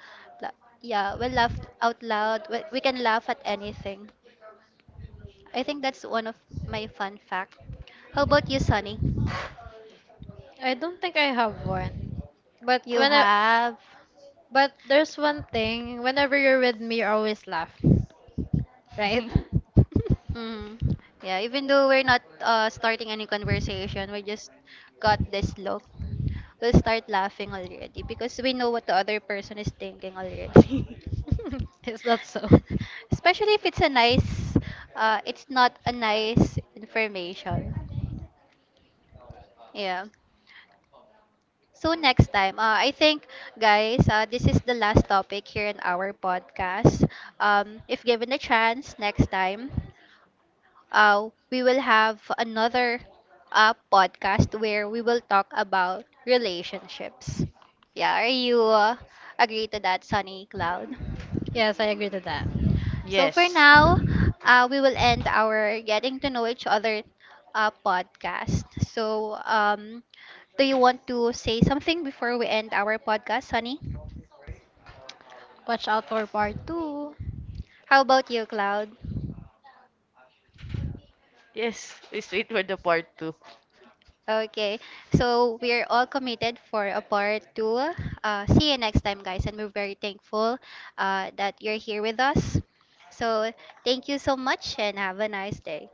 A: La- yeah, we'll laugh out loud. We can laugh at anything. I think that's one of my fun fact. How about you, Sunny?
B: I don't think I have one. But
A: You
B: when I,
A: have.
B: but there's one thing. Whenever you're with me, you always laugh, right?
C: (laughs)
A: Mm. Yeah, even though we're not starting any conversation, we just got this look. We'll start laughing already because we know what the other person is thinking already. (laughs)
B: (laughs) Is that so?
A: (laughs) Especially if it's a nice, it's not a nice information. Yeah. So next time, I think, guys, this is the last topic here in our podcast. If given a chance, next time, we will have another podcast where we will talk about relationships. Yeah, are you agree to that, Sunny, Cloud?
B: Yes, I agree to that.
A: So for
C: Yes.
A: now, we will end our getting to know each other podcast. So do you want to say something before we end our podcast, Sunny?
B: Watch out for part 2.
A: How about you, Cloud?
C: Yes. Please wait for the part two.
A: Okay, so we're all committed for a part 2. See you next time, guys, and we're very thankful that you're here with us. So thank you so much and have a nice day.